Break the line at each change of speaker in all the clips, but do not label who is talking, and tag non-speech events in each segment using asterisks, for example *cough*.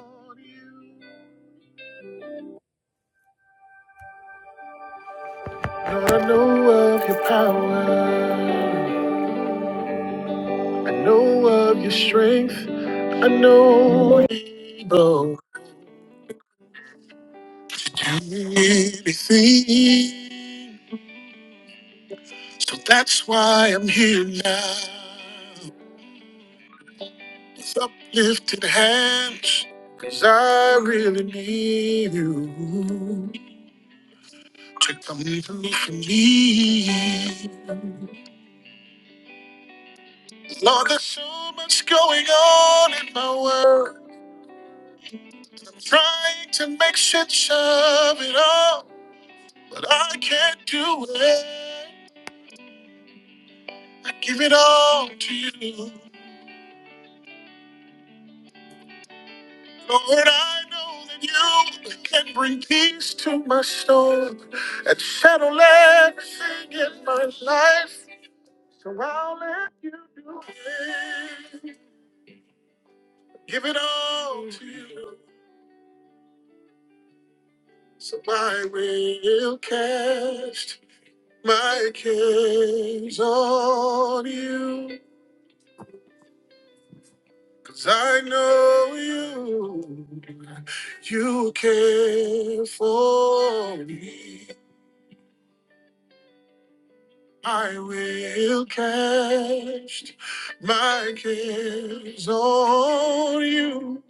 Lord, I know of your power. I know of your strength. I know you're able to do anything. So that's why I'm here now. With uplifted hands. Cause I really need you to come through for me. Lord, there's so much going on in my world. Trying to make sense of it all, but I can't do it. I give it all to you. Lord, I know that you can bring peace to my soul and settle everything in my life. So I'll let you do it. Give it all to you. So I will cast my cares on you. Cause I know you, you care for me. I will cast my cares on you.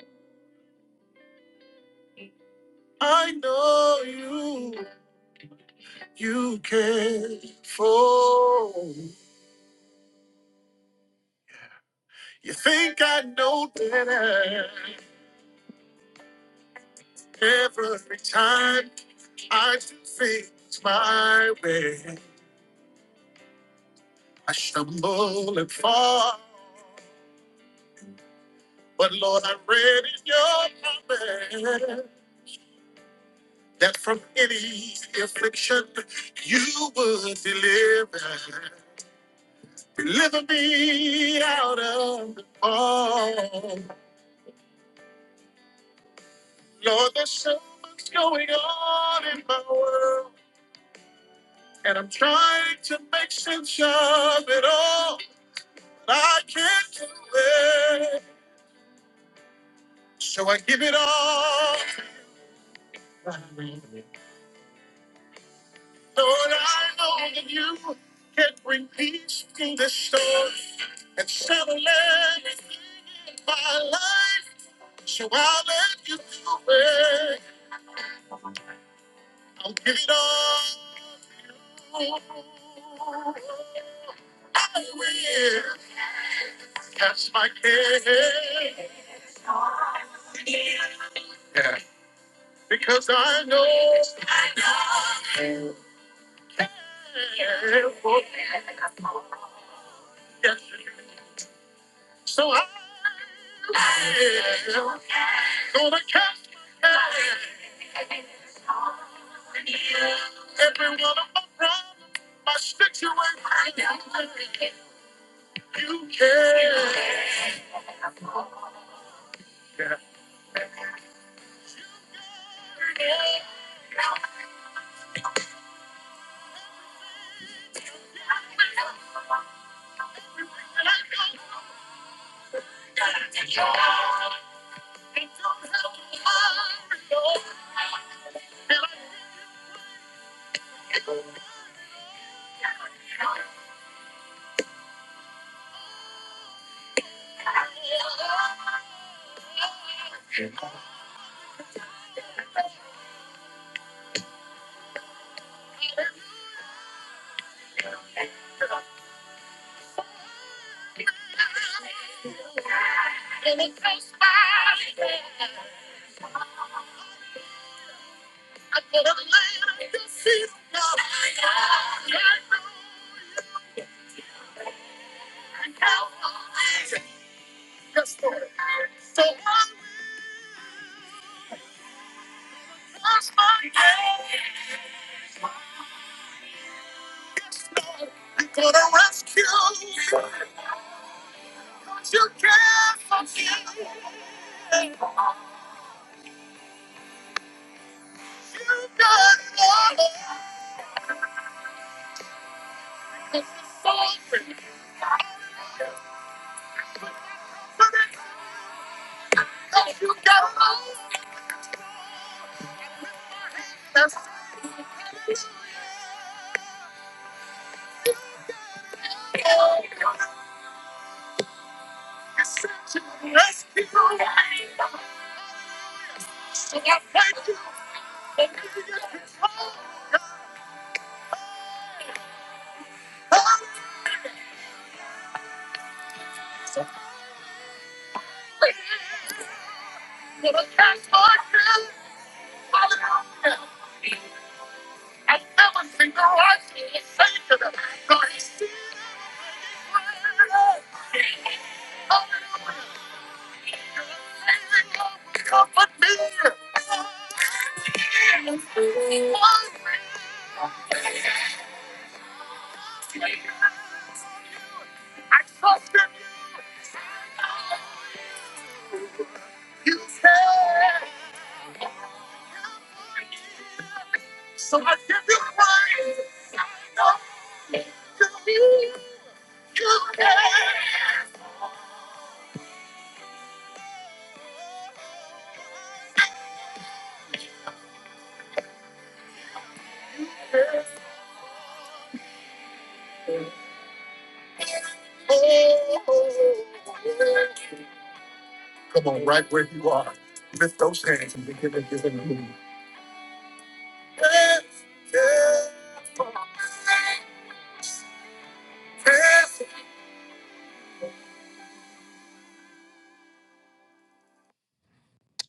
I know you, you care for me. You think I know better every time I do things my way. I stumble and fall. But Lord, I read in your promise that from any affliction you would deliver. Deliver me out of all. Lord, there's so much going on in my world, and I'm trying to make sense of it all, but I can't do it. So I give it all. Lord, I know that you can bring peace to this storm and settle everything in my life. So I'll let you do it. I'll give it all. to you. I will cast my care. Yeah. Because I know. you care for you. do. So I will. Gonna cast my care. Every one of my problems, my situation, you care. Feet not You're gonna rescue me. You care.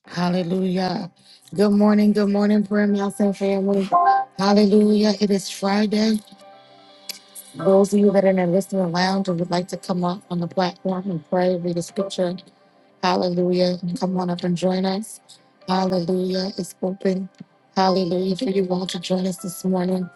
Hallelujah. Good morning, good morning, prayer mountain family. Hallelujah. It is Friday. Those of you that are in the listening lounge and would like to come up on the platform and pray, read a scripture, Hallelujah. Come on up and join us. Hallelujah. It's open. Hallelujah. If you want to join us this morning,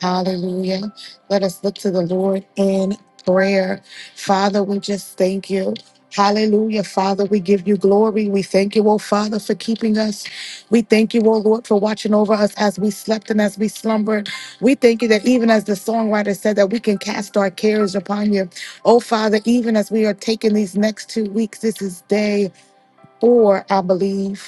hallelujah. Let us look to the Lord in prayer. Father, we just thank you. Hallelujah, Father. We give you glory. We thank you, oh Father, for keeping us. We thank you, oh Lord, for watching over us as we slept and as we slumbered. We thank you that even as the songwriter said, that we can cast our cares upon you. Oh, Father, even as we are taking these next two weeks, this is day four, I believe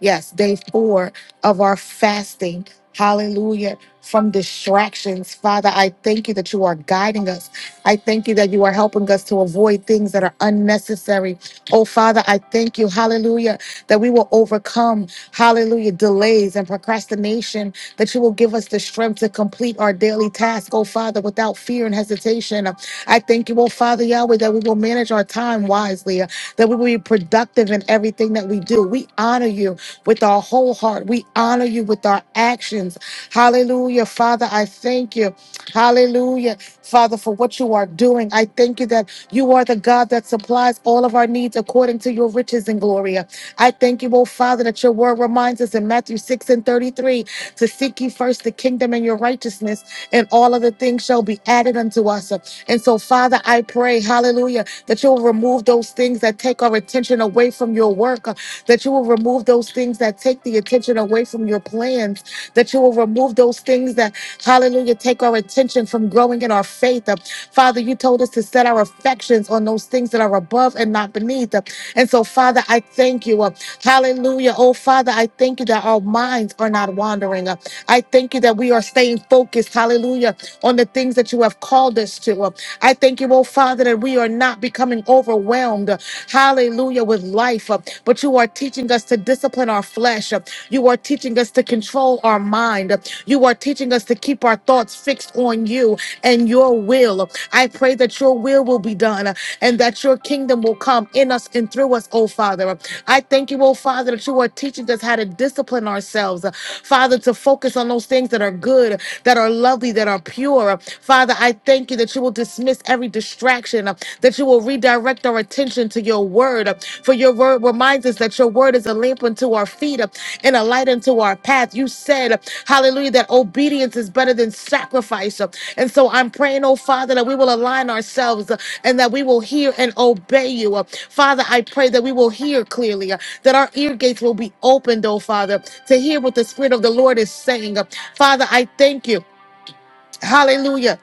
Yes, day four of our fasting. Hallelujah. From distractions. Father, I thank you that you are guiding us. I thank you that you are helping us to avoid things that are unnecessary. Oh, Father, I thank you. Hallelujah. That we will overcome, hallelujah, delays and procrastination. That you will give us the strength to complete our daily task, oh, Father, without fear and hesitation. I thank you, oh, Father Yahweh, that we will manage our time wisely, that we will be productive in everything that we do. We honor you with our whole heart. We honor you with our actions. Hallelujah. Father, I thank you. Hallelujah. Father, for what you are doing. I thank you that you are the God that supplies all of our needs according to your riches and glory. I thank you, oh Father, that your word reminds us in Matthew 6 and 33 to seek ye first the kingdom and your righteousness, and all other things shall be added unto us. And so, Father, I pray, hallelujah, that you will remove those things that take our attention away from your work, uh, that you will remove those things that take the attention away from your plans, that you will remove those things that, hallelujah, take our attention from growing in our faith. Uh, Father, you told us to set our affections on those things that are above and not beneath. Uh, And so, Father, I thank you. uh, Hallelujah. Oh, Father, I thank you that our minds are not wandering. Uh, I thank you that we are staying focused, hallelujah, on the things that you have called us to. Uh, I thank you, oh, Father, that we are not becoming overwhelmed, uh, hallelujah, with life, uh, but you are teaching us to discipline our flesh. uh, You are teaching us to control our mind. uh, You are teaching us to keep our thoughts fixed on on you and your will. I pray that your will will be done and that your kingdom will come in us and through us, oh Father. I thank you, oh Father, that you are teaching us how to discipline ourselves, Father, to focus on those things that are good, that are lovely, that are pure. Father, I thank you that you will dismiss every distraction, that you will redirect our attention to your word, for your word word reminds us that your word is a lamp unto our feet uh, and a light unto our path. You said, uh, hallelujah, that obedience is better than sacrifice. uh, And so I'm praying, oh Father, that we will align ourselves uh, and that we will hear and obey you. uh. Father, I pray that we will hear clearly, uh, that our ear gates will be opened, oh Father, to hear what the Spirit of the Lord is saying. uh. Father, I thank you. Hallelujah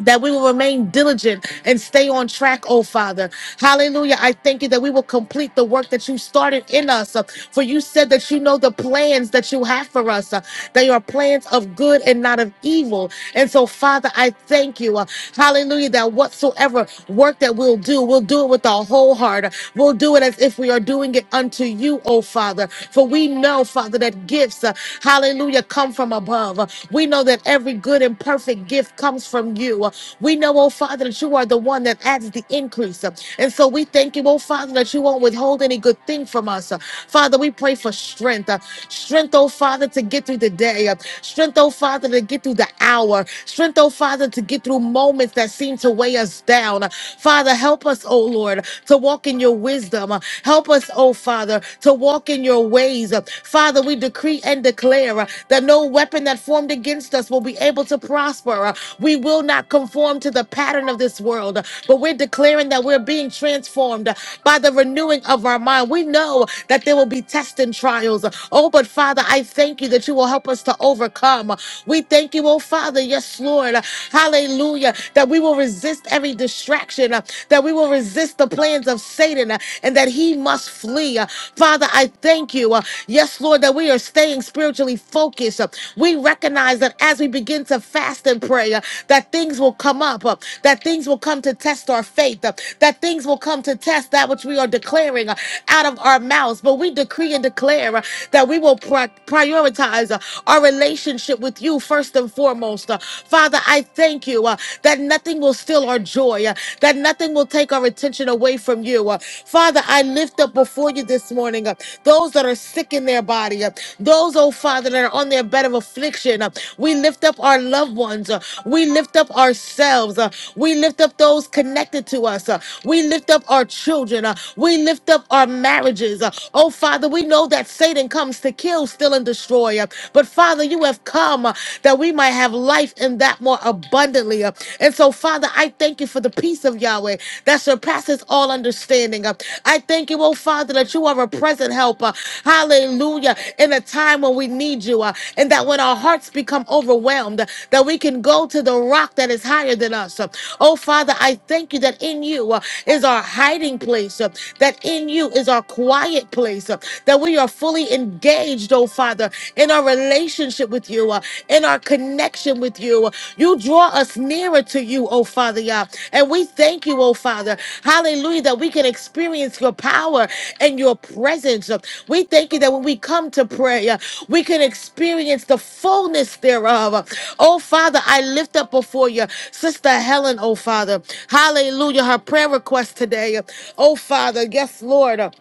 that we will remain diligent and stay on track, oh Father. Hallelujah. I thank you that we will complete the work that you started in us. Uh, For you said that you know the plans that you have for us. uh, They are plans of good and not of evil. And so, Father, I thank you. uh, Hallelujah. That whatsoever work that we'll do, we'll do it with our whole heart. Uh, We'll do it as if we are doing it unto you, oh Father. For we know, Father, that gifts, uh, hallelujah, come from above above. We know that every good and perfect gift comes from you. We know, oh Father, that you are the one that adds the increase. And so we thank you, oh Father, that you won't withhold any good thing from us. Father, we pray for strength. uh, Strength, oh Father, to get through the day. uh, Strength, oh Father, to get through the hour. Strength, oh Father, to get through moments that seem to weigh us down. Uh, Father, help us, oh Lord, to walk in your wisdom. Uh, Help us, oh Father, to walk in your ways praise. Father, we decree and declare uh, that no weapon that formed against us will be able to prosper. Uh, We will not conform to the pattern of this world, uh, but we're declaring that we're being transformed uh, by the renewing of our mind. We know that there will be tests and trials. Uh, Oh, but Father, I thank you that you will help us to overcome. Uh, We thank you, oh Father, yes, Lord. Uh, Hallelujah. That we will resist every distraction, uh, that we will resist the plans of Satan. Satan uh, and that he must flee. Uh, Father, I thank you. uh, Yes, Lord, that we are staying spiritually focused. Uh, We recognize that as we begin to fast and pray, uh, that things will come up, uh, that things will come to test our faith, uh, that things will come to test that which we are declaring uh, out of our mouths. But we decree and declare uh, that we will pri- prioritize uh, our relationship with you first and foremost. Uh, Father, I thank you uh, that nothing will steal our our joy, uh, that nothing will take our attention away from you. Uh, Father, I lift up before you this morning uh, those that are sick in their body, uh, those, oh Father, that are on their bed of affliction. uh, We lift up our loved ones. uh, We lift up ourselves. uh, We lift up those connected to us. uh, We lift up our children. uh, We lift up our marriages. uh, Oh Father, we know that Satan comes to kill, steal, and destroy. uh, But Father, you have come uh, that we might have might have life and that more abundantly. uh. And so, Father, I thank you for the peace of Yahweh that surpasses all understanding. uh. I thank you, oh Father, that you are a present helper. Hallelujah. In a time when we need you, uh, and that when our hearts become overwhelmed, uh, that we can go to the rock that is higher than us. Uh, Oh Father, I thank you that in you uh, is our hiding place, uh, that in you is our quiet place, uh, that we are fully engaged, oh oh Father, in our relationship with you, uh, in our connection with you. uh, You draw us nearer to you, oh Father, yeah. And we thank you, oh Father. Hallelujah, that we can experience your power and your presence. Uh, We thank you that when we come to prayer, we can experience the fullness thereof. Oh Father, I lift up before you, Sister Helen, oh Father. Hallelujah, her prayer request today. Oh Father, yes, Lord. uh,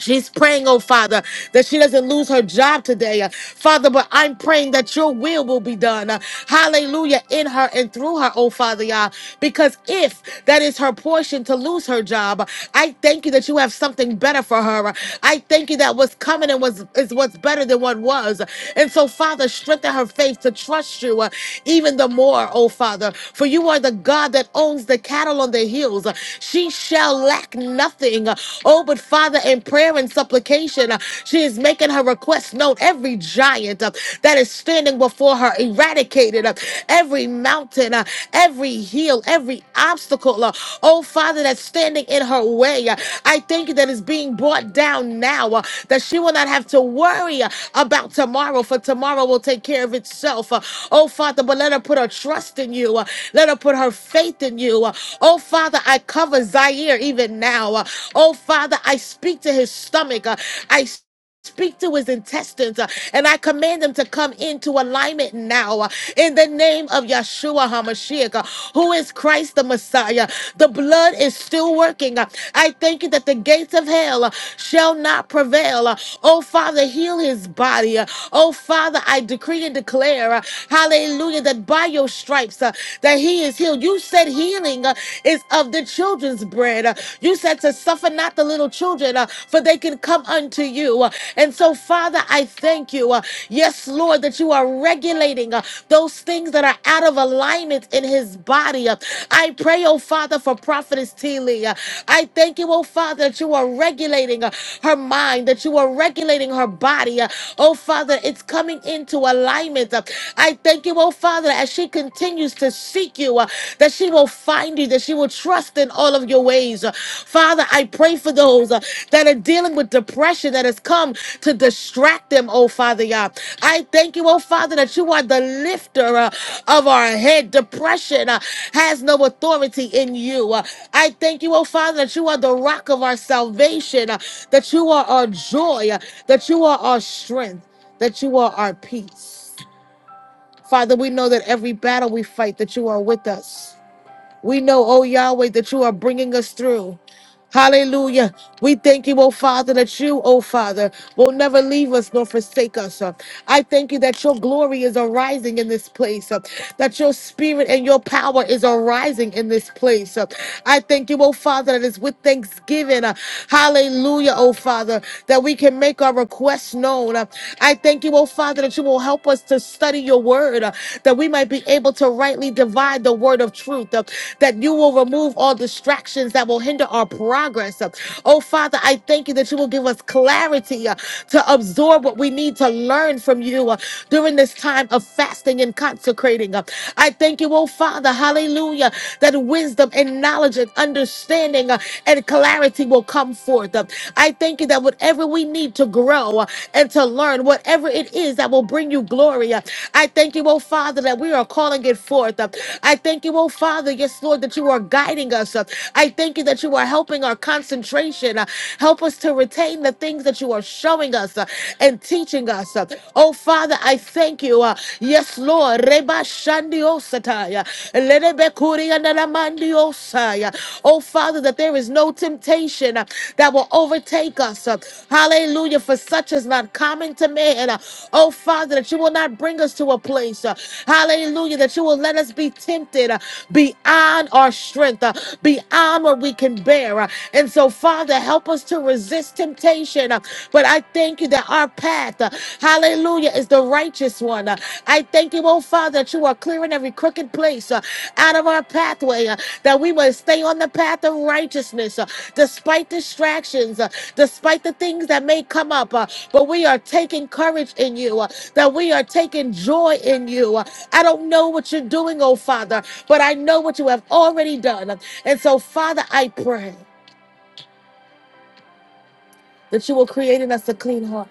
She's praying, oh Father, that she doesn't lose her job today. Uh, Father, but I'm praying that your will will be done. Uh, Hallelujah. In her and through her, oh Father, Yah. Because if that is her portion to lose her job, uh, I thank you that you have something better for her. Uh, I thank you that what's coming and was is what's better than what was. And so, Father, strengthen her faith faith to trust you uh, even the more, oh Father. For you are the God that owns the cattle on the hills. Uh, She shall lack nothing. Uh, Oh, but Father, in prayer and supplication, uh, she is making her request known. Every giant uh, that is standing before her, eradicated. uh, Every mountain, uh, every hill, every obstacle. uh, oh Father, that's standing in her way. I thank you that it's being brought down now, uh, that she will not have to worry uh, about tomorrow, for tomorrow will take care of itself. Uh, Oh Father, but let her put her trust in you. uh, Let her put her faith in you. Uh, Oh Father, I cover Zaire even now. Uh, Oh Father, I speak to his stomach. Uh, I Speak to his intestines uh, and I command them to come into alignment now uh, in the name of Yeshua HaMashiach, uh, who is Christ the Messiah. The blood is still working. Uh, I thank you that the gates of hell uh, shall not prevail. Uh, Oh, Father, heal his body. Uh, Oh, Father, I decree and declare, uh, hallelujah, that by your stripes uh, that he is healed. You said healing uh, is of the children's bread. Uh, You said said to suffer not the little children, uh, for they can come unto you. Uh, And so, Father, I thank you. uh, Yes, Lord, that you are regulating uh, those things that are out of alignment in his body. Uh, I pray, oh Father, for Prophetess Teely. Uh, I thank you, oh Father, that you are regulating uh, her mind, that you are regulating her body. Uh, Oh Father, it's coming into alignment. Uh, I thank you, oh Father, as she continues to seek you. uh, that she will find you, that she will trust in all of your ways. Uh, Father, I pray for those uh, that are dealing with depression that has come to distract them, oh Father God. I thank you, oh Father, that you are the lifter uh, of our head. Depression uh, has no authority in you. Uh, I thank you, oh Father, that you are the rock of our salvation, uh, that you are our joy, uh, that you are our strength, that you are our peace. Father, we know that every battle we fight, that you are with us. We know, oh Yahweh, that you are bringing us through. Hallelujah. We thank you, oh Father, that you, oh Father, will never leave us nor forsake us. Uh, I thank you that your glory is arising in this place, uh, that your spirit and your power is arising in this place. uh. I thank you, oh Father, that it's with thanksgiving. uh, Hallelujah, oh Father, that we can make our requests known. uh. I thank you, oh Father, that you will help us to study your word, uh, that we might be able to rightly divide the word of truth, uh, that you will remove all distractions that will hinder our progress progress. Oh, Father, I thank you that you will give us clarity uh, to absorb what we need to learn from you uh, during this time of fasting and consecrating. Uh, I thank you, oh, Father, hallelujah, that wisdom and knowledge and understanding uh, and clarity will come forth. Uh, I thank you that whatever we need to grow uh, and to learn, whatever it is that will bring you glory, uh, I thank you, oh, Father, that we are calling it forth. Uh, I thank you, oh, Father, yes, Lord, that you are guiding us. Uh, I thank you that you are helping helping our concentration. Uh, help us to retain the things that you are showing us uh, and teaching us. Uh, oh, Father, I thank you. Uh, yes, Lord. Reba shandiosataya. Lerebekuriandalamandiosaya. Oh, Father, that there is no temptation uh, that will overtake us. Uh, hallelujah. For such is not common to man. Uh, oh, Father, that you will not bring us to a place. uh, hallelujah. That you will let us be tempted uh, beyond our strength, uh, beyond what we can bear desire. And so, Father, help us to resist temptation. Uh, But I thank you that our path, uh, hallelujah, is the righteous one. Uh, I thank you, oh Father, that you are clearing every crooked place uh, out of our pathway, uh, that we will stay on the path of righteousness uh, despite distractions, uh, despite the things that may come up. uh, But we are taking courage in you, uh, that we are taking joy in you. uh, I don't know what you're doing, oh Father, but I know what you have already done. And so, Father, I pray that you will create in us a clean heart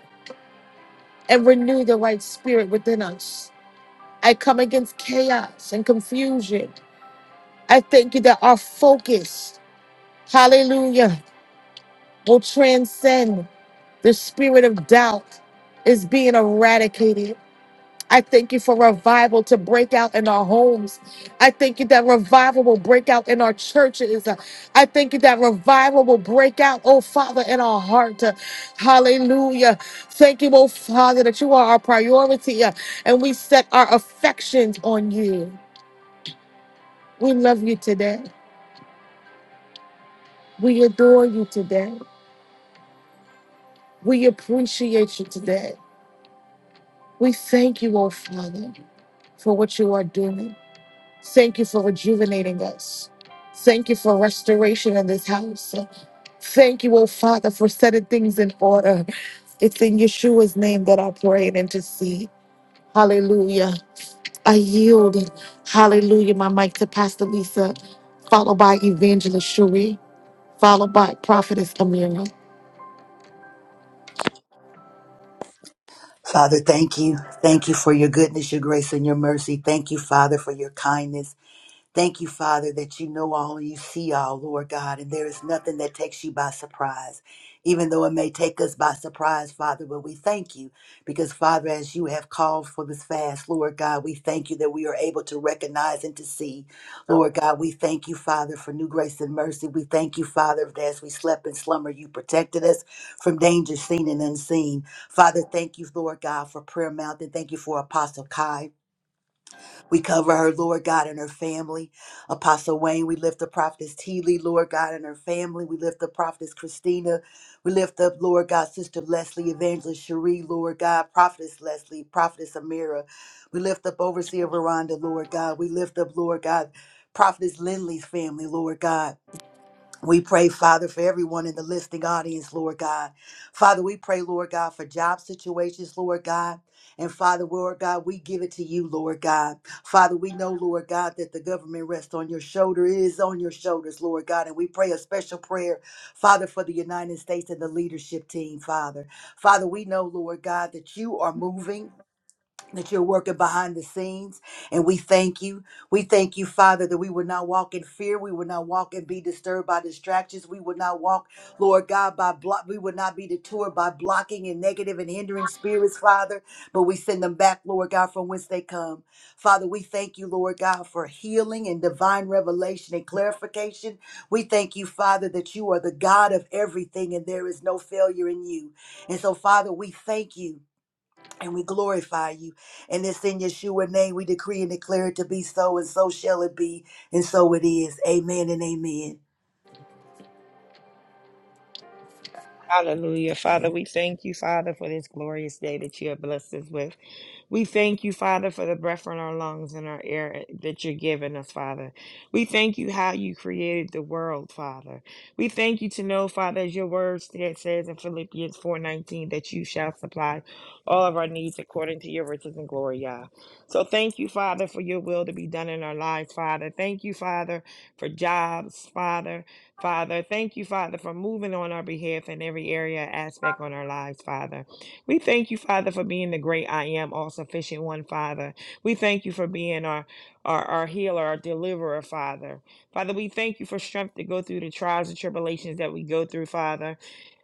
and renew the right spirit within us. I come against chaos and confusion. I thank you that our focus, hallelujah, will transcend the spirit of doubt is being eradicated. I thank you for revival to break out in our homes. I thank you that revival will break out in our churches. I thank you that revival will break out, oh Father, in our heart. Hallelujah. Thank you, oh Father, that you are our priority uh, and we set our affections on you. We love you today. We adore you today. We appreciate you today. We thank you, oh Father, for what you are doing. Thank you for rejuvenating us. Thank you for restoration in this house. Thank you, oh Father, for setting things in order. It's in Yeshua's name that I pray and intercede. Hallelujah. I yield. Hallelujah. My mic to Pastor Lisa, followed by Evangelist Shuri, followed by Prophetess Amira.
Father, thank you. Thank you for your goodness, your grace, and your mercy. Thank you, Father, for your kindness. Thank you, Father, that you know all and you see all, Lord God, and there is nothing that takes you by surprise, even though it may take us by surprise, Father. But we thank you because, Father, as you have called for this fast, Lord God, we thank you that we are able to recognize and to see. Lord God, we thank you, Father, for new grace and mercy. We thank you, Father, that as we slept in slumber, you protected us from danger seen and unseen. Father, thank you, Lord God, for Prayer Mountain. Thank you for Apostle Kai. We cover her, Lord God, and her family. Apostle Wayne, we lift up Prophetess T. Lee, Lord God, and her family. We lift up Prophetess Christina. We lift up, Lord God, Sister Leslie, Evangelist Cherie, Lord God, Prophetess Leslie, Prophetess Amira. We lift up Overseer Veranda, Lord God. We lift up, Lord God, Prophetess Lindley's family, Lord God. We pray, Father, for everyone in the listening audience, Lord God. Father, we pray, Lord God, for job situations, Lord God. And Father, Lord God, we give it to you, Lord God. Father, we know, Lord God, that the government rests on your shoulder. It is on your shoulders, Lord God. And we pray a special prayer, Father, for the United States and the leadership team, Father. Father, we know, Lord God, that you are moving that you're working behind the scenes. And we thank you. We thank you, Father, that we would not walk in fear. We would not walk and be disturbed by distractions. We would not walk, Lord God, by block. We would not be detoured by blocking and negative and hindering spirits, Father. But we send them back, Lord God, from whence they come. Father, we thank you, Lord God, for healing and divine revelation and clarification. We thank you, Father, that you are the God of everything and there is no failure in you. And so, Father, we thank you and we glorify you. And it's in Yeshua name we decree and declare it to be so, and so shall it be, and so it is. Amen and amen.
Hallelujah. Father, we thank you, Father, for this glorious day that you have blessed us with. We thank you, Father, for the breath in our lungs and our air that you're giving us, Father. We thank you how you created the world, Father. We thank you to know, Father, as your word sta- says in Philippians 4:19, that you shall supply all of our needs according to your riches and glory, Yah. So thank you, Father, for your will to be done in our lives, Father. Thank you, Father, for jobs, Father. Father, thank you, Father, for moving on our behalf in every area, aspect on our lives, Father. We thank you, Father, for being the great I am, all sufficient one, Father. We thank you for being our, our, our healer, our deliverer, Father. Father, we thank you for strength to go through the trials and tribulations that we go through, Father.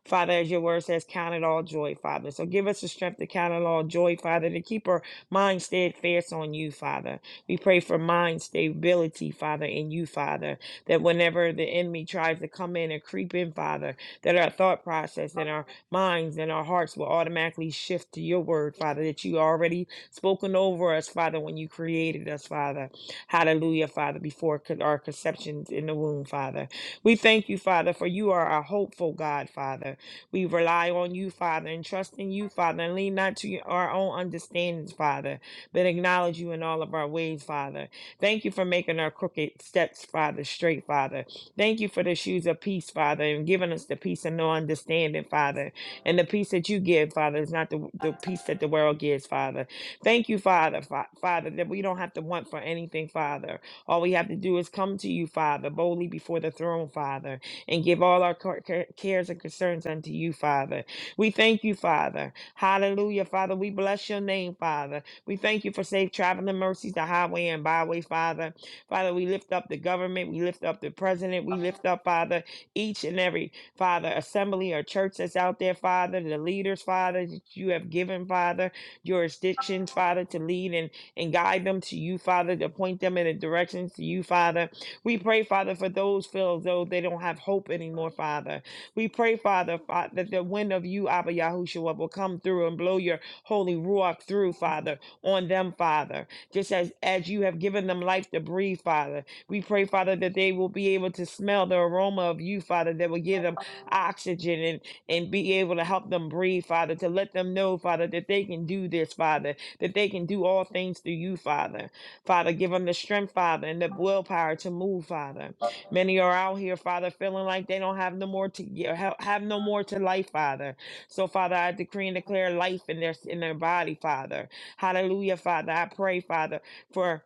Father, as your word says, count it all joy, Father. So give us the strength to count it all joy, Father, to keep our mind steadfast on you, Father. We pray for mind stability, Father, in you, Father that whenever the enemy tries to come in and creep in, Father, that our thought process and our minds and our hearts will automatically shift to your word, Father, that you already spoken over us, Father, when you created us, Father. Hallelujah, Father, before our conceptions in the womb, Father. We thank you, Father, for you are our hopeful God, Father. We rely on you, Father, and trust in you, Father, and lean not to our own understandings, Father, but acknowledge you in all of our ways, Father. Thank you for making our crooked steps, Father, straight, Father. Thank you for the shoes of peace, Father, and giving us the peace and no understanding, Father. And the peace that you give, Father, is not the, the peace that the world gives, Father. Thank you, Father, fa- Father, that we don't have to want for anything, Father. All we have to do is come to you, Father, boldly before the throne, Father, and give all our car- car- cares and concerns unto you, Father. We thank you, Father. Hallelujah, Father. We bless your name, Father. We thank you for safe traveling mercies, the highway and byway, Father. Father, we lift up the government. We lift up the president. We lift up, Father, each and every, Father, assembly or church that's out there, Father, the leaders, Father, that you have given, Father, jurisdictions, Father, to lead and, and guide them to you, Father, to point them in the directions to you, Father. We pray, Father, for those feel as though they don't have hope anymore, Father. We pray, Father, Fa- that the wind of you, Abba Yahushua, will come through and blow your holy ruach through, Father on them, Father. Just as, as you have given them life to breathe, Father. We pray, Father, that they will be able to smell the aroma of you, Father, that will give them oxygen and, and be able to help them breathe, Father, to let them know, Father, that they can do this, Father, that they can do all things through you, Father. Father, give them the strength, Father, and the willpower to move, Father. Many are out here, Father, feeling like they don't have no more to have have no more to life, Father. So, Father, I decree and declare life in their in their body, Father. Hallelujah, Father. I pray, Father, for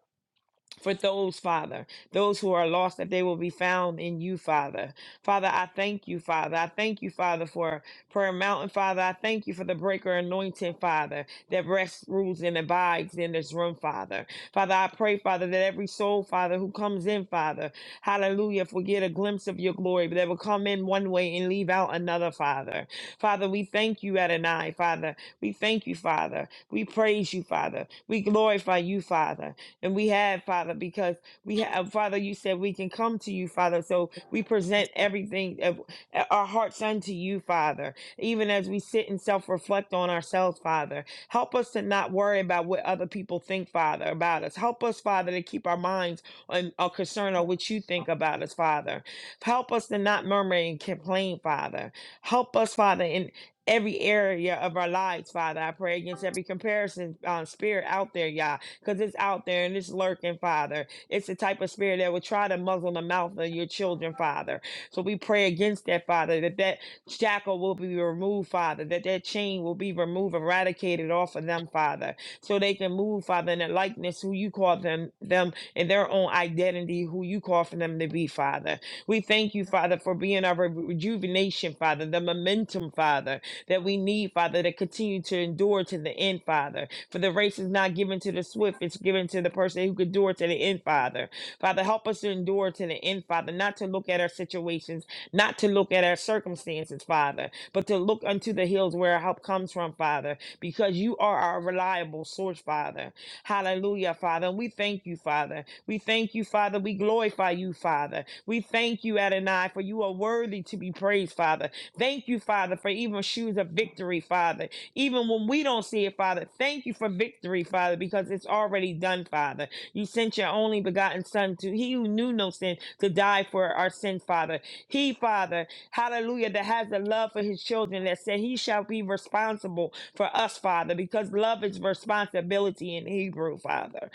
for those, Father, those who are lost, that they will be found in you, Father. Father, I thank you, Father. I thank you, Father, for Prayer Mountain, Father. I thank you for the breaker anointing, Father, that rests, rules, and abides in this room, Father. Father, I pray, Father, that every soul, Father, who comes in, Father, hallelujah, if we get a glimpse of your glory, but they will come in one way and leave out another, Father. Father, we thank you, Adonai, Father. We thank you, Father. We praise you, Father. We glorify you, Father. And we have, Father, because we have, Father, you said we can come to you, Father. So we present everything, of uh, our hearts unto you, Father, even as we sit and self reflect on ourselves, Father. Help us to not worry about what other people think, Father, about us. Help us, Father, to keep our minds on our concern on what you think about us, Father. Help us to not murmur and complain, Father. Help us, Father, in every area of our lives, Father. I pray against every comparison um, spirit out there, Yah because it's out there and it's lurking, Father. It's the type of spirit that will try to muzzle the mouth of your children, Father. So we pray against that, Father, that that shackle will be removed, Father, that that chain will be removed, eradicated off of them, Father, so they can move, Father, in the likeness who you call them, them in their own identity, who you call for them to be, Father. We thank you, Father, for being our re- rejuvenation, Father, the momentum, Father, that we need, Father, to continue to endure to the end, Father. For the race is not given to the swift, it's given to the person who could endure to the end, Father. Father, help us to endure to the end, Father, not to look at our situations, not to look at our circumstances, Father, but to look unto the hills where our help comes from, Father, because you are our reliable source, Father. Hallelujah, Father. we thank you, Father. We thank you, Father. We glorify you, Father. We thank you, Adonai, for you are worthy to be praised, Father. Thank you, Father, for even shoes of victory, Father even when we don't see it, Father. Thank you for victory, Father, because it's already done, Father. You sent your only begotten Son to He who knew no sin to die for our sin, Father. He, Father, hallelujah, that has a love for His children that said He shall be responsible for us, Father, because love is responsibility in Hebrew, Father.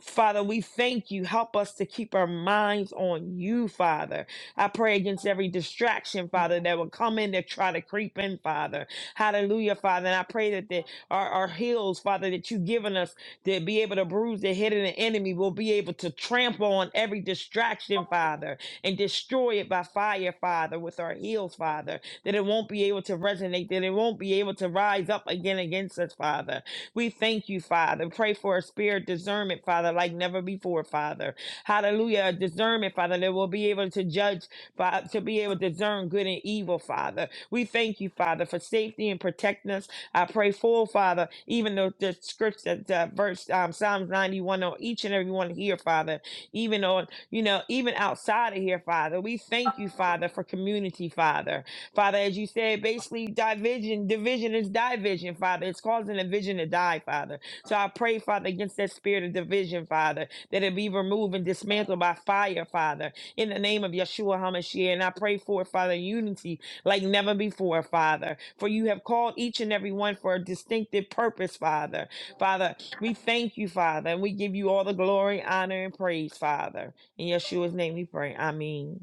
Father, we thank you. Help us to keep our minds on you, Father. I pray against every distraction, Father, that will come in to try to creep in, Father. Hallelujah, Father. And I pray that the, our, our heels, Father, that you've given us to be able to bruise the head of the enemy, will be able to trample on every distraction, Father, and destroy it by fire, Father, with our heels, Father, that it won't be able to resonate, that it won't be able to rise up again against us, Father. We thank you, Father. Pray for a spirit discernment, Father, like never before, Father. Hallelujah. A discernment, Father, that we'll be able to judge, Fa- to be able to discern good and evil, Father. We thank you, Father, for safety and protecting us. I pray for, Father, even though the scripts that uh, verse um, Psalms 91 on each and every one here, Father, even on, you know, even outside of here, Father. We thank you, Father, for community, Father. Father, as you said, basically division, division is division, Father. It's causing a vision to die, Father. So I pray, Father, against that spirit of division, Father, that it be removed and dismantled by fire, Father, in the name of Yeshua HaMashiach. And I pray for, Father, unity like never before, Father. For you have called each and every one for a distinctive purpose, Father. Father, we thank you, Father, and we give you all the glory, honor, and praise, Father. In Yeshua's name we pray. Amen.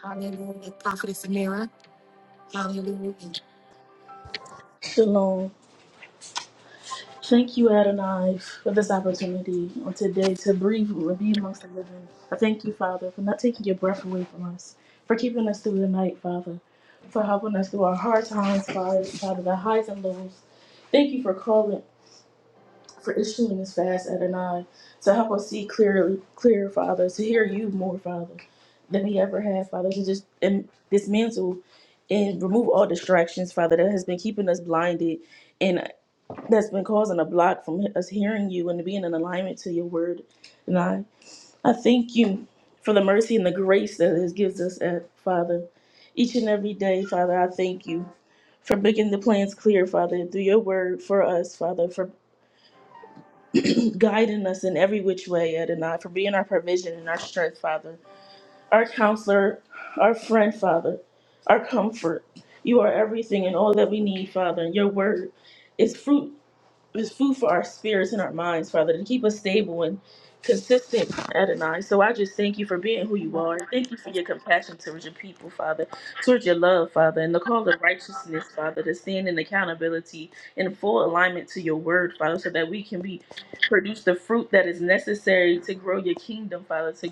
Hallelujah. Prophetess Amira. Hallelujah.
Shalom. Thank you, Adonai, for this opportunity on today to breathe and be amongst the living. I thank you, Father, for not taking your breath away from us, for keeping us through the night, Father, for helping us through our hard times, Father, Father, the highs and lows. Thank you for calling, for issuing this fast, Adonai, to help us see clearly, clear, Father, to hear you more, Father, than we ever have, Father, to just and dismantle and remove all distractions, Father, that has been keeping us blinded that's been causing a block from us hearing you and being in alignment to your word. And I, I thank you for the mercy and the grace that it gives us, at, Father, each and every day, Father. I thank you for making the plans clear, Father, through your word for us, Father, for guiding us in every which way, Adonai, for being our provision and our strength, Father, our counselor, our friend, Father, our comfort. You are everything and all that we need, Father, and your word is fruit. It's food for our spirits and our minds, Father, to keep us stable and consistent, Adonai. So I just thank you for being who you are. Thank you for your compassion towards your people, Father, towards your love, Father, and the call of righteousness, Father, to stand in accountability in full alignment to your word, Father, so that we can be produce the fruit that is necessary to grow your kingdom, Father, to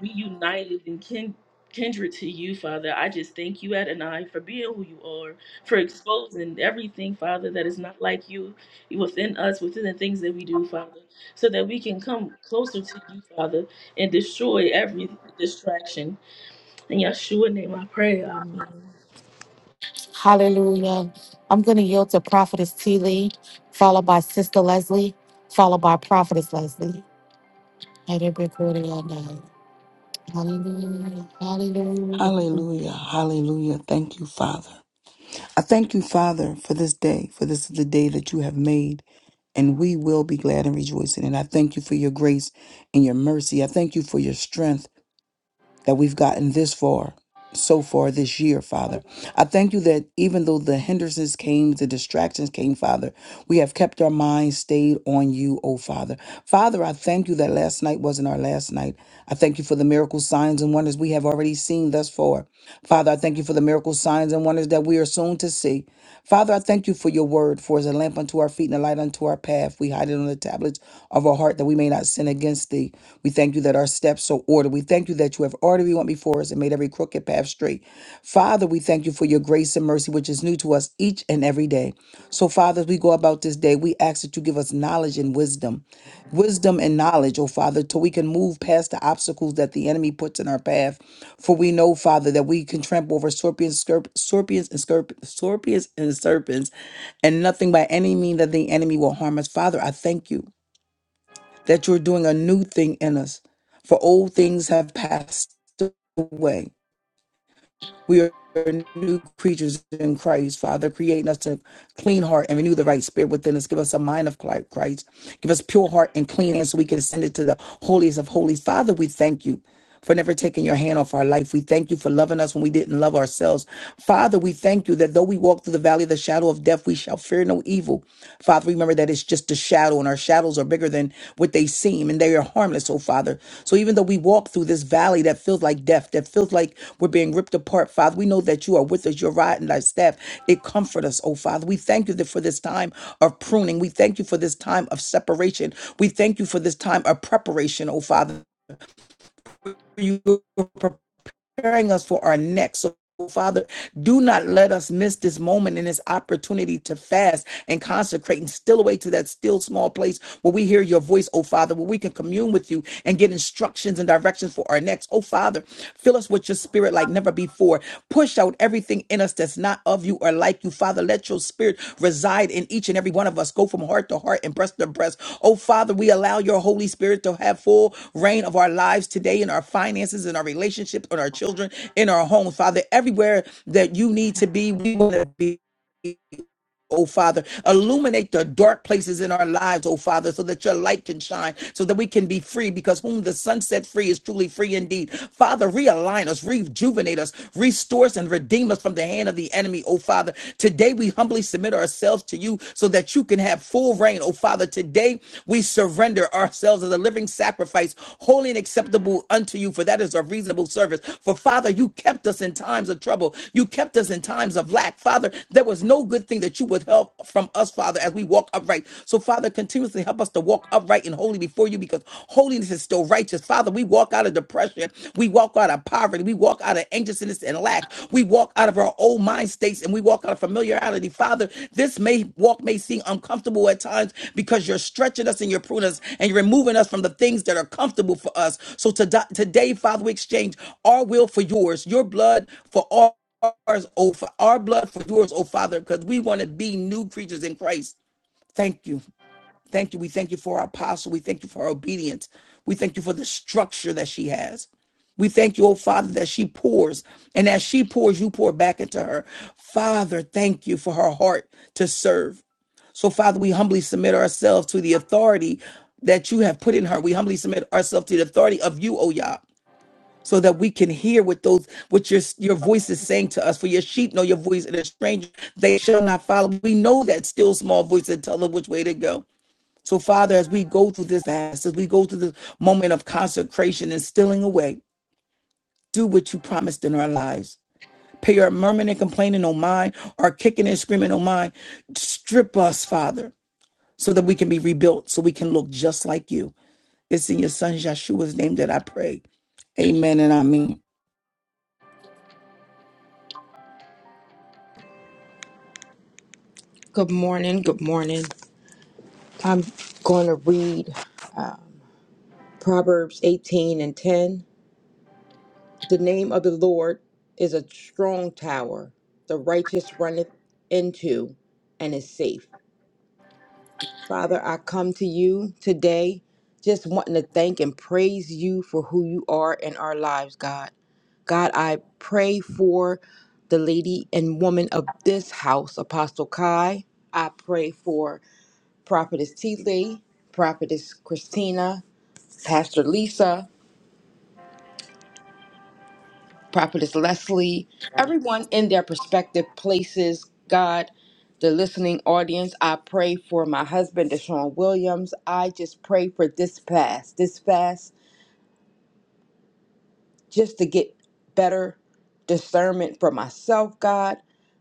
we united and kin- kindred to you, Father. I just thank you, Adonai, for being who you are, for exposing everything, Father, that is not like you within us, within the things that we do, Father, so that we can come closer to you, Father, and destroy every distraction. In Yeshua name I pray. Amen.
Hallelujah. I'm going to yield to Prophetess T. Lee, followed by Sister Leslie, followed by Prophetess Leslie. And everybody on that. Hallelujah. Hallelujah.
Hallelujah. Hallelujah. Thank you, Father. I thank you, Father, for this day, for this is the day that you have made, and we will be glad and rejoice in it. I thank you for your grace and your mercy. I thank you for your strength that we've gotten this far. So far this year, Father. I thank you that even though the hindrances came, the distractions came, Father, we have kept our minds stayed on you, O Father. Father, I thank you that last night wasn't our last night. I thank you for the miracle signs and wonders we have already seen thus far. Father, I thank you for the miracle signs and wonders that we are soon to see. Father, I thank you for your word, for as a lamp unto our feet and a light unto our path, we hide it on the tablets of our heart that we may not sin against thee. We thank you that our steps are ordered. We thank you that you have already went before us and made every crooked path straight. Father, we thank you for your grace and mercy, which is new to us each and every day. So, Father, as we go about this day, we ask that you give us knowledge and wisdom. Wisdom and knowledge, oh Father, till we can move past the obstacles that the enemy puts in our path. For we know, Father, that we can trample over scorpions, scorp- scorpions, and scorp- scorpions and serpents, and nothing by any means that the enemy will harm us. Father, I thank you that you're doing a new thing in us, for old things have passed away. We are new creatures in Christ, Father, creating us a clean heart and renew the right spirit within us. Give us a mind of Christ. Give us pure heart and clean hands so we can ascend it to the holiest of holies. Father, we thank you for never taking your hand off our life. We thank you for loving us when we didn't love ourselves. Father, we thank you that though we walk through the valley of the shadow of death, we shall fear no evil. Father, remember that it's just a shadow, and our shadows are bigger than what they seem, and they are harmless, oh Father. So even though we walk through this valley that feels like death, that feels like we're being ripped apart, Father, we know that you are with us, your rod and thy staff. It comfort us, oh Father. We thank you that for this time of pruning. We thank you for this time of separation. We thank you for this time of preparation, oh Father. You preparing us for our next. So, Father, do not let us miss this moment and this opportunity to fast and consecrate and still away to that still small place where we hear your voice, oh Father, where we can commune with you and get instructions and directions for our next. Oh Father, fill us with your spirit like never before. Push out everything in us us that's not of you or like you. Father, let your spirit reside in each and every one of us. Go from heart to heart and breast to breast. Oh, Father, we allow your Holy Spirit to have full reign of our lives today in our finances, in our relationships, on our children, in our home. Father, everywhere that you need to be, we want to be oh Father. Illuminate the dark places in our lives, oh Father, so that your light can shine, so that we can be free, because whom the sun set free is truly free indeed. Father, realign us, rejuvenate us, restore us, and redeem us from the hand of the enemy, oh Father. Today we humbly submit ourselves to you so that you can have full reign, oh Father. Today we surrender ourselves as a living spring sacrifice, holy and acceptable unto you, for that is a reasonable service. For Father, you kept us in times of trouble. You kept us in times of lack. Father, there was no good thing that you would help from us, Father, as we walk upright. So, Father, continuously help us to walk upright and holy before you because holiness is still righteous. Father, we walk out of depression. We walk out of poverty. We walk out of anxiousness and lack. We walk out of our old mind states and we walk out of familiarity. Father, this may walk may seem uncomfortable at times because you're stretching us and you're pruning us and you're removing us from the things that are comfortable for us. So to, today, Father, we exchange our will for yours, your blood for all ours, oh, for our blood for yours, oh Father, because we want to be new creatures in Christ. Thank you. Thank you. We thank you for our apostle. We thank you for her obedience. We thank you for the structure that she has. We thank you, oh Father, that she pours. And as she pours, you pour back into her. Father, thank you for her heart to serve. So, Father, we humbly submit ourselves to the authority that you have put in her. We humbly submit ourselves to the authority of you, oh Yah, so that we can hear what those what your your voice is saying to us. For your sheep know your voice, and a stranger they shall not follow. We know that still small voice that tell them which way to go. So, Father, as we go through this fast, as we go through this moment of consecration and stealing away, do what you promised in our lives. Pay our murmuring and complaining on mine, our kicking and screaming on mine. Strip us, Father, so that we can be rebuilt, so we can look just like you. It's in your son Yeshua's name that I pray. Amen and I mean.
Good morning. Good morning. I'm going to read um, Proverbs 18 and 10. The name of the Lord is a strong tower, the righteous runneth into and is safe. Father, I come to you today just wanting to thank and praise you for who you are in our lives, God. God, I pray for the lady and woman of this house, Apostle Kai. I pray for Prophetess T. Lee, Prophetess Christina, Pastor Lisa, Prophetess Leslie, everyone in their prospective places, God, the listening audience. I pray for my husband, Deshaun Williams. I just pray for this fast, this fast, just to get better discernment for myself, God.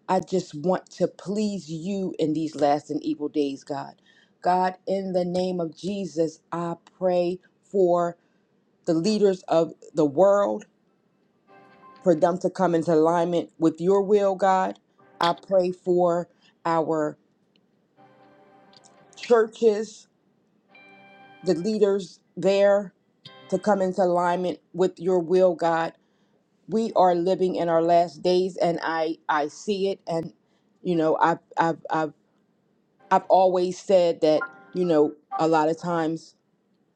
I just want to please you in these last and evil days, God. God, in the name of Jesus, I pray for. the leaders of the world, for them to come into alignment with your will, God. I pray for our churches, the leaders there to come into alignment with your will, God. We are living in our last days and I I see it and you know, I have I've I've I've always said that, you know, a lot of times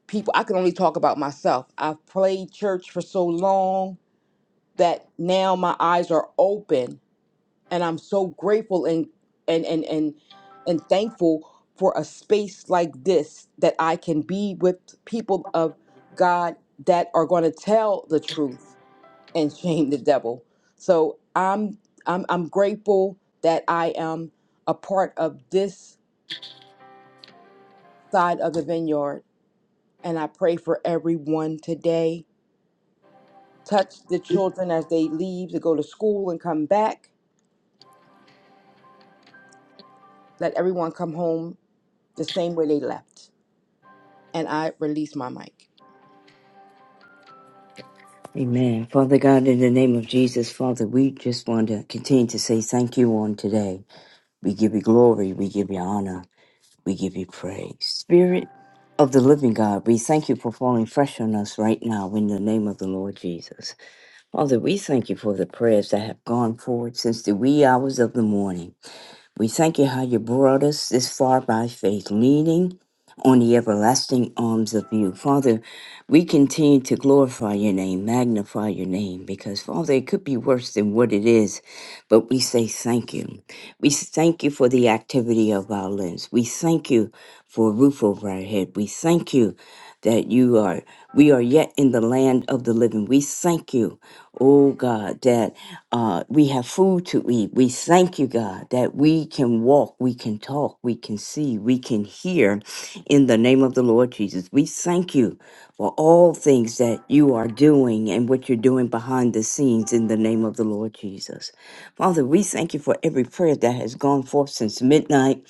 people I can only talk about myself. I've played church for so long that now my eyes are open and I'm so grateful and and and and and thankful for a space like this that I can be with people of God that are going to tell the truth and shame the devil. So I'm I'm I'm grateful that I am a part of this side of the vineyard and I pray for everyone today. Touch the children as they leave to go to school and come back. Let everyone come home the same way they left. And I release my mic.
Amen. Father God, in the name of Jesus, Father, we just want to continue to say thank you on today. We give you glory. We give you honor. We give you praise. Spirit of the living God, we thank you for falling fresh on us right now in the name of the Lord Jesus. Father, we thank you for the prayers that have gone forward since the wee hours of the morning. We thank you how you brought us this far by faith, leaning on the everlasting arms of you. Father, we continue to glorify your name, magnify your name, because, Father, it could be worse than what it is, but we say thank you. We thank you for the activity of our limbs. We thank you for a roof over our head. We thank you that you are, we are yet in the land of the living. We thank you. Oh God, that uh, we have food to eat. We thank you, God, that we can walk, we can talk, we can see, we can hear in the name of the Lord Jesus. We thank you for all things that you are doing and what you're doing behind the scenes in the name of the Lord Jesus. Father, we thank you for every prayer that has gone forth since midnight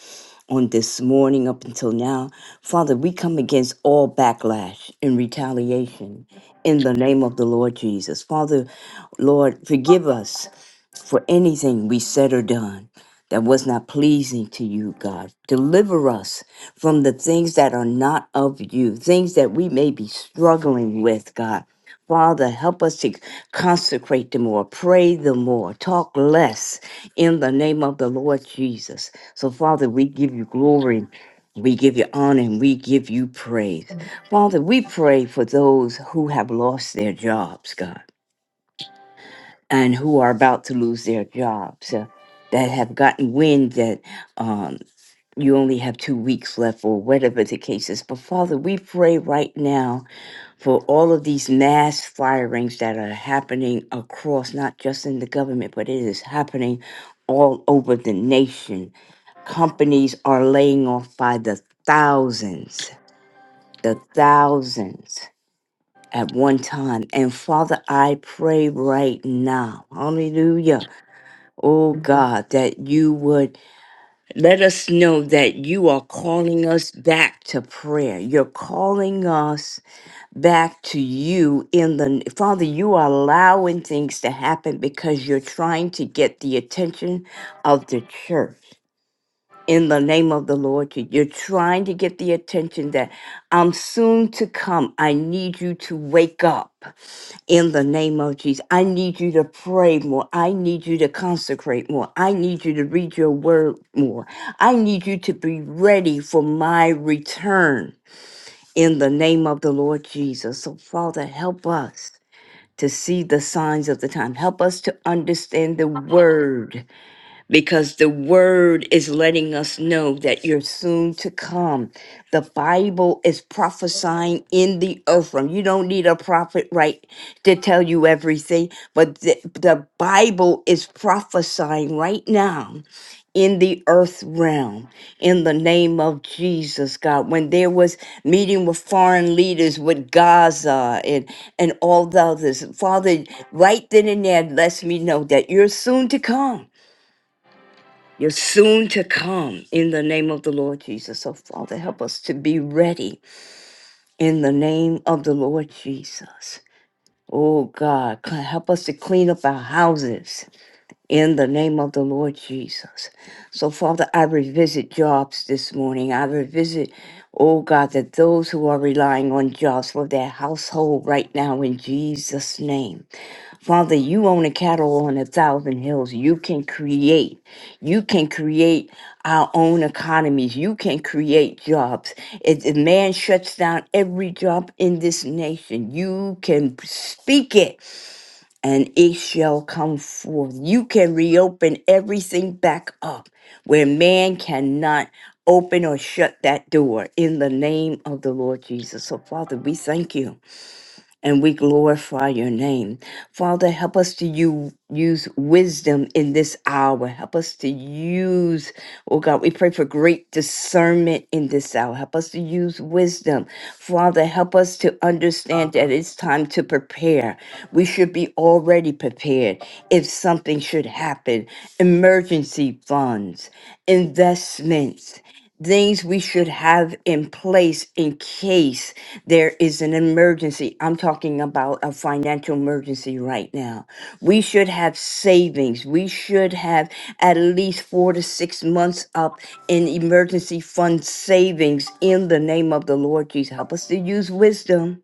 on this morning up until now. Father, we come against all backlash and retaliation in the name of the Lord Jesus. Father, Lord, forgive us for anything we said or done that was not pleasing to you, God. Deliver us from the things that are not of you, things that we may be struggling with, God. Father, help us to consecrate the more, pray the more, talk less in the name of the Lord Jesus. So, Father, we give you glory, we give you honor, and we give you praise. Father, we pray for those who have lost their jobs, God and who are about to lose their jobs uh, that have gotten wind that um, you only have two weeks left or whatever the case is. But Father, we pray right now for all of these mass firings that are happening across, not just in the government, but it is happening all over the nation. Companies are laying off by the thousands, the thousands at one time. And Father, I pray right now, hallelujah Oh God, that you would let us know that you are calling us back to prayer. You're calling us back to you in the Father, you are allowing things to happen because you're trying to get the attention of the church in the name of the Lord. Je- You're trying to get the attention that I'm soon to come. I need you to wake up in the name of Jesus. I need you to pray more. I need you to consecrate more. I need you to read your word more. I need you to be ready for my return in the name of the Lord Jesus. So, Father, help us to see the signs of the time. Help us to understand the word because the word is letting us know that you're soon to come. The Bible is prophesying in the earth realm. You don't need a prophet, right, to tell you everything, but the, the Bible is prophesying right now in the earth realm in the name of Jesus God when there was meeting with foreign leaders with Gaza and and all the others father right then and there lets me know that you're soon to come you're soon to come in the name of the Lord Jesus. So, Father, help us to be ready in the name of the Lord Jesus. Oh, God, cl- help us to clean up our houses in the name of the Lord Jesus. So, Father, I revisit jobs this morning. I revisit, oh, God, that those who are relying on jobs for their household right now in Jesus' name. Father, you own the cattle on a thousand hills. You can create. You can create our own economies. You can create jobs. If, if man shuts down every job in this nation, you can speak it and it shall come forth. You can reopen everything back up where man cannot open or shut that door in the name of the Lord Jesus. So, Father, we thank you and we glorify your name. Father, help us to you use wisdom in this hour. Help us to use, oh God, we pray for great discernment in this hour. Help us to use wisdom. Father, help us to understand that it's time to prepare. We should be already prepared if something should happen. Emergency funds, investments, things we should have in place in case. There is an emergency. I'm talking about a financial emergency right now. We should have savings. We should have at least four to six months up in emergency fund savings in the name of the Lord Jesus. Help us to use wisdom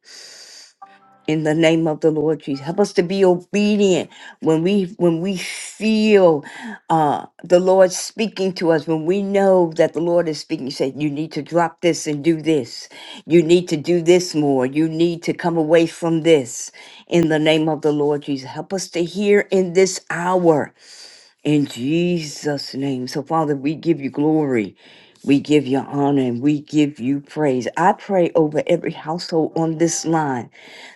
in the name of the Lord Jesus. Help us to be obedient when we when we feel uh, the Lord speaking to us. When we know that the Lord is speaking, You say you need to drop this and do this. You need to do this more. You need to come away from this. In the name of the Lord Jesus, help us to hear in this hour in Jesus' name. So Father, we give you glory. We give you honor and we give you praise. I pray over every household on this line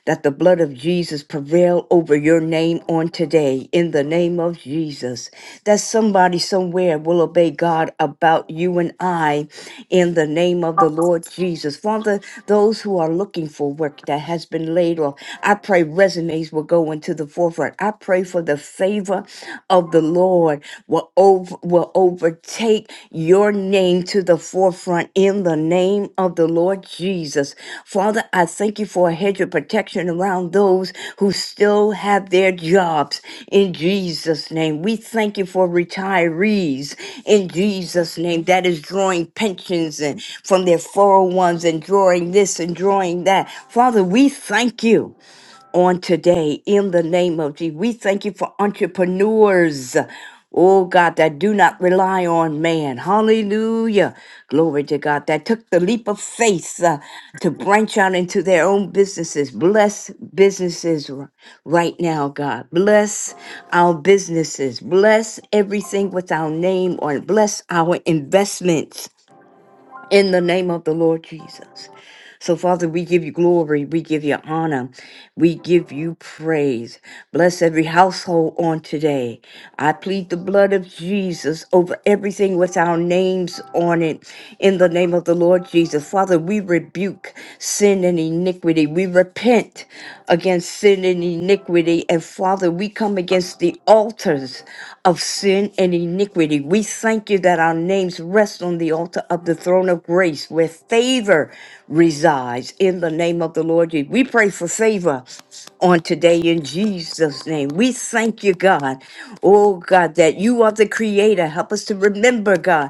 that the blood of Jesus prevail over your name on today in the name of Jesus. That somebody somewhere will obey God about you and I in the name of the Lord Jesus. Father, those who are looking for work that has been laid off, I pray resumes will go into the forefront. I pray for the favor of the Lord will, over, will overtake take your name to the forefront in the name of the Lord Jesus. Father, I thank you for a hedge of protection around those who still have their jobs in Jesus' name. We thank you for retirees in Jesus' name that is drawing pensions and from their 401s and drawing this and drawing that. Father, we thank you on today in the name of Jesus. We thank you for entrepreneurs. Oh God, that do not rely on man. Hallelujah. Glory to God. That took the leap of faith uh, to branch out into their own businesses. Bless businesses r- right now, God. Bless our businesses. Bless everything with our name on it. Bless our investments in the name of the Lord Jesus. So, Father, we give you glory. We give you honor. We give you praise. Bless every household on today. I plead the blood of Jesus over everything with our names on it in the name of the Lord Jesus. Father, we rebuke sin and iniquity. We repent against sin and iniquity. And Father, we come against the altars of sin and iniquity. We thank you that our names rest on the altar of the throne of grace where favor resides in the name of the Lord. Jesus. We pray for favor on today in Jesus' name. We thank you, God. Oh, God, that you are the creator. Help us to remember, God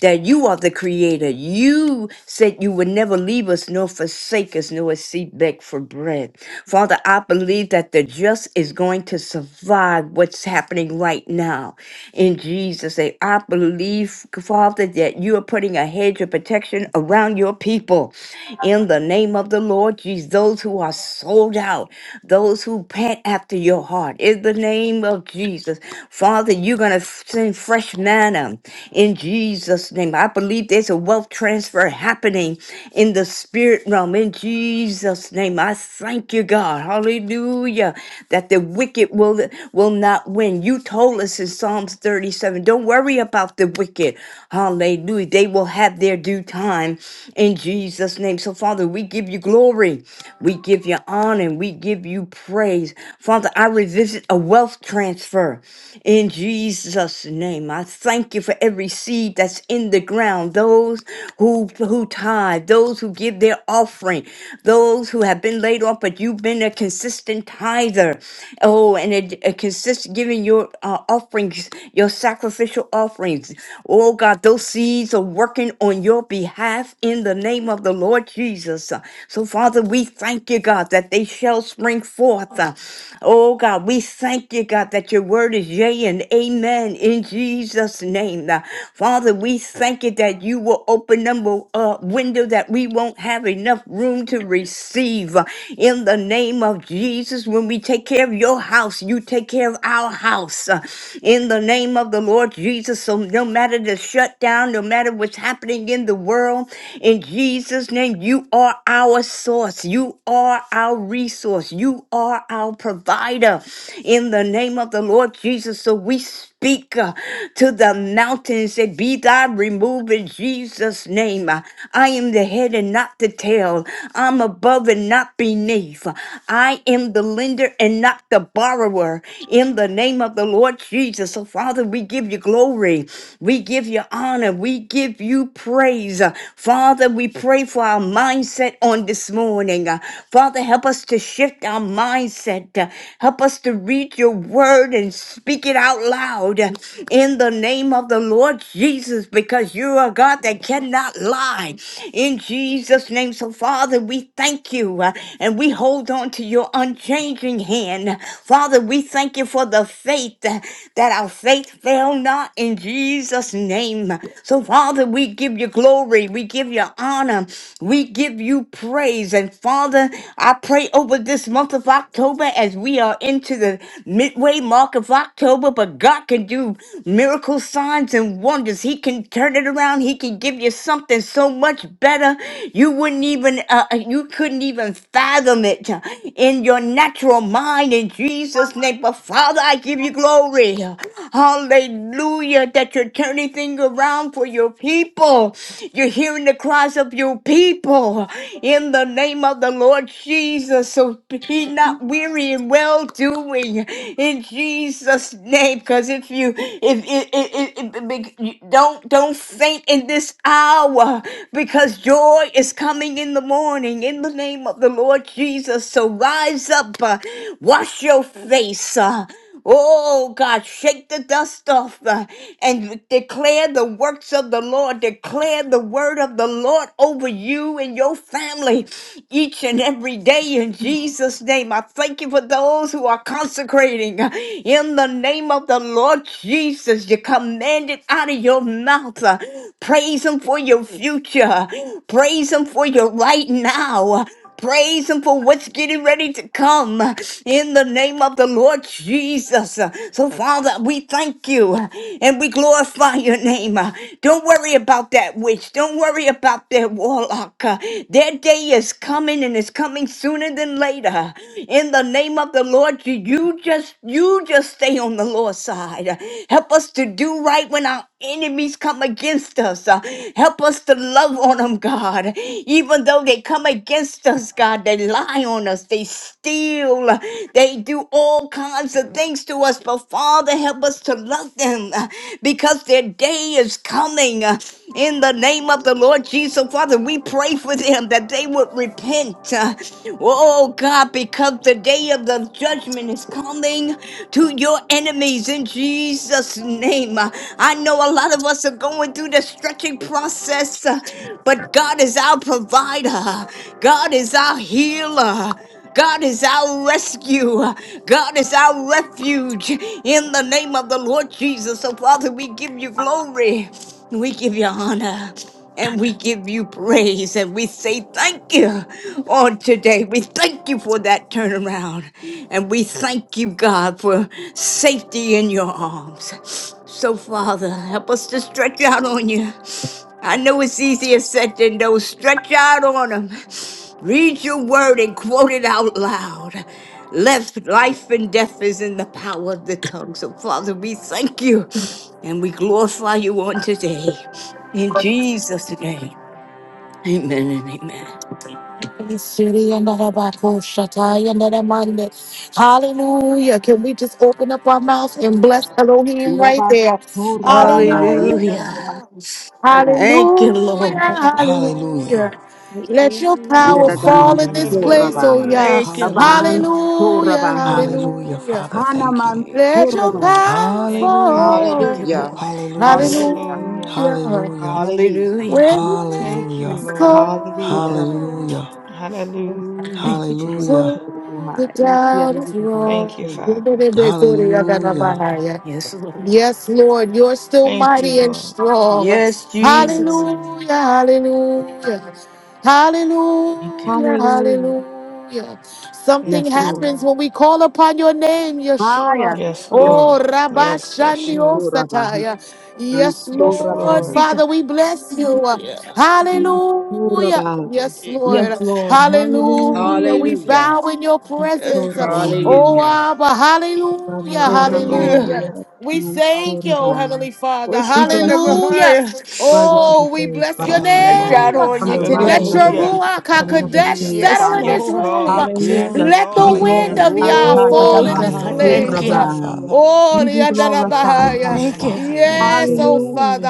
that you are the creator. You said you would never leave us nor forsake us nor seek back for bread. Father, I believe that the just is going to survive what's happening right now. In Jesus' name, I believe, Father, that you are putting a hedge of protection around your people in the name of the Lord Jesus. Those who are sold out, those who pant after your heart, in the name of Jesus. Father, you're going to send fresh manna in Jesus' name. I believe there's a wealth transfer happening in the spirit realm in Jesus' name. I thank you, God. Hallelujah. That the wicked will, will not win. You told us in Psalms 37 don't worry about the wicked. Hallelujah. They will have their due time in Jesus' Jesus' name. So, Father, we give you glory. We give you honor. and We give you praise. Father, I revisit a wealth transfer in Jesus' name. I thank you for every seed that's in the ground, those who, who tithe, those who give their offering, those who have been laid off, but you've been a consistent tither. Oh, and a, a consistent giving your uh, offerings, your sacrificial offerings. Oh, God, those seeds are working on your behalf in the name of name of the Lord Jesus. Uh, So, Father, we thank you, God, that they shall spring forth. Uh, Oh, God, we thank you, God, that your word is yea and amen in Jesus' name. Uh, Father, we thank you that you will open them a window that we won't have enough room to receive. Uh, In the name of Jesus, when we take care of your house, you take care of our house. Uh, In the name of the Lord Jesus, so no matter the shutdown, no matter what's happening in the world, in Jesus' name, you are our source. You are our resource. You are our provider. In the name of the Lord Jesus, so we speak uh, to the mountains and be thou removed in Jesus' name. Uh, I am the head and not the tail. I'm above and not beneath. I am the lender and not the borrower. In the name of the Lord Jesus. So, Father, we give you glory. We give you honor. We give you praise. Uh, Father, Father, we pray for our mindset on this morning. Uh, Father, help us to shift our mindset. Uh, Help us to read your word and speak it out loud uh, in the name of the Lord Jesus, because you are God that cannot lie. In Jesus' name. So, Father, we thank you uh, and we hold on to your unchanging hand. Father, we thank you for the faith uh, that our faith fail not in Jesus' name. So, Father, we give you glory. We give give you honor. We give you praise. And Father, I pray over this month of October as we are into the midway mark of October, but God can do miracle signs and wonders. He can turn it around. He can give you something so much better. You wouldn't even, uh, uh, you couldn't even fathom it in your natural mind in Jesus' name. But Father, I give you glory. Hallelujah, that you're turning things around for your people. You're hearing the cries of your people in the name of the Lord Jesus. So be not weary in well doing in Jesus' name. Because if you if, if, if, if, if don't don't faint in this hour, because joy is coming in the morning in the name of the Lord Jesus. So rise up, uh, wash your face. uh, Oh God, shake the dust off uh, and declare the works of the Lord. Declare the word of the Lord over you and your family each and every day in Jesus' name. I thank you for those who are consecrating uh, in the name of the Lord Jesus. You command it out of your mouth. uh, Praise Him for your future. Praise Him for your right now. Praise Him for what's getting ready to come in the name of the Lord Jesus. So, Father, we thank you and we glorify your name. Don't worry about that witch. Don't worry about that warlock. Their day is coming and it's coming sooner than later. In the name of the Lord, you you just you just stay on the Lord's side. Help us to do right when our enemies come against us. Uh, help us to love on them, God. Even though they come against us, God, they lie on us, they steal, uh, they do all kinds of things to us. But Father, help us to love them uh, because their day is coming. Uh, in the name of the Lord Jesus, Father, we pray for them that they would repent. Uh, oh, God, because the day of the judgment is coming responding to your enemies in Jesus' name. Uh, I know a lot of us are going through the stretching process, uh, but God is our provider, God is our healer. God is our rescue. God is our refuge in the name of the Lord Jesus. So, Father, we give you glory. We give you honor and we give you praise and we say thank you on today. We thank you for that turnaround and we thank you, God, for safety in your arms. So, Father, help us to stretch out on you. I know it's easier said than done. Stretch out on them. Read your word and quote it out loud. Left life and death is in the power of the tongue. So, Father, we thank you and we glorify you on today. In Jesus' name. Amen and amen.
Siri Hallelujah. Can we just open up our mouth and bless Elohim right there?
Rabastorabaha,
Hallelujah.
Hallelujah.
Yadabastora,
Thank you,
Hallelujah,
Lord.
hallelujah.
Hallelujah.
Thank
Let
you,
your power
Oh,
Jesus.
Yadadaman
fall in this
hallelujah.
place, oh
Sorabaha,
yeah.
Hallelujah.
Thank you,
Abaan
Hallelujah.
Lord.
Hallelujah,
Sorabaha,
Hallelujah,
hallelujah.
Father.
We
Thank
Hanaman
you.
thank
Let your
you.
Sorabaha,
power
Thank you,
Hallelujah.
Yah.
Thank you,
fall.
Hallelujah.
Lord.
Hallelujah.
Hallelujah.
Hallelujah.
Hallelujah.
Hallelujah.
Hallelujah.
Hallelujah.
When your
Thank
name
you,
is
Hallelujah.
Lord.
Raban
Hallelujah.
Sorabaha,
Hallelujah.
called,
Thank
Hallelujah.
you,
Raban
Jesus.
Hallelujah.
who the
Sorabaha,
doubt is
Ikiarabaso.
Thank
wrong.
you, Father.
Hallelujah.
Yes, Lord.
Yes, Lord, you're still
Thank you,
mighty and
Lord.
strong.
Yes, Jesus.
Hallelujah.
Hallelujah, hallelujah,
Thank you.
hallelujah,
Hallelujah.
hallelujah. Something
Yes,
Thank you,
Lord.
happens
Lord.
when we call upon your name,
Haya.
Yeshua.
Yes,
Yes,
Oh,
Lord.
Rabba
Yes,
Shandio
Yeshua.
Sorabaha,
Sataya.
and
Yes,
Yes,
Lord,
Sorabaha,
Lord.
Thank you.
Father, we bless you.
Yeah.
Hallelujah.
Sorabaha.
Yes,
Thank you,
Lord.
Yes, Lord. Hallelujah.
Hallelujah. We
Hallelujah.
bow
Jesus.
in your
Yes,
presence.
Lord.
Sorabaha.
Oh,
Hallelujah.
Abba. Hallelujah.
Thank you.
Masuraba,
Hallelujah.
Hallelujah.
Hallelujah.
Yada,
We thank you, oh
Hallelujah.
Mansuraba.
Heavenly
We're
Father.
We
so
bless
never
them that is
Hallelujah.
higher.
worthy to be
Oh, we
praised,
bless your
Father.
Thank you,
I
Hallelujah.
got
name.
Father.
on
From
you
the rising
Let
of
today.
the
your
Hallelujah.
Hallelujah.
sun to the
Ruach
setting of the
HaKodesh
Hallelujah.
same,
Yes,
settle in
Father.
this
Yes,
Lord.
room.
Hey,
Lord. Yes,
Hallelujah.
glory.
Let
Be
the
Lord.
wind
Yes,
Hallelujah.
of
glorified,
Yah
Lord.
fall
Oh,
in
Hadadaman
this
God,
Hallelujah.
thank
place.
Thank
you.
Oh,
you,
Suraba.
Father.
Blow,
Oh,
You
the
be
end of the
glorified,
blow,
Thank you,
Bahaya.
Thank
Holy
Father.
you.
Father.
thank
yes,
you,
oh
Spirit.
Hallelujah.
Father.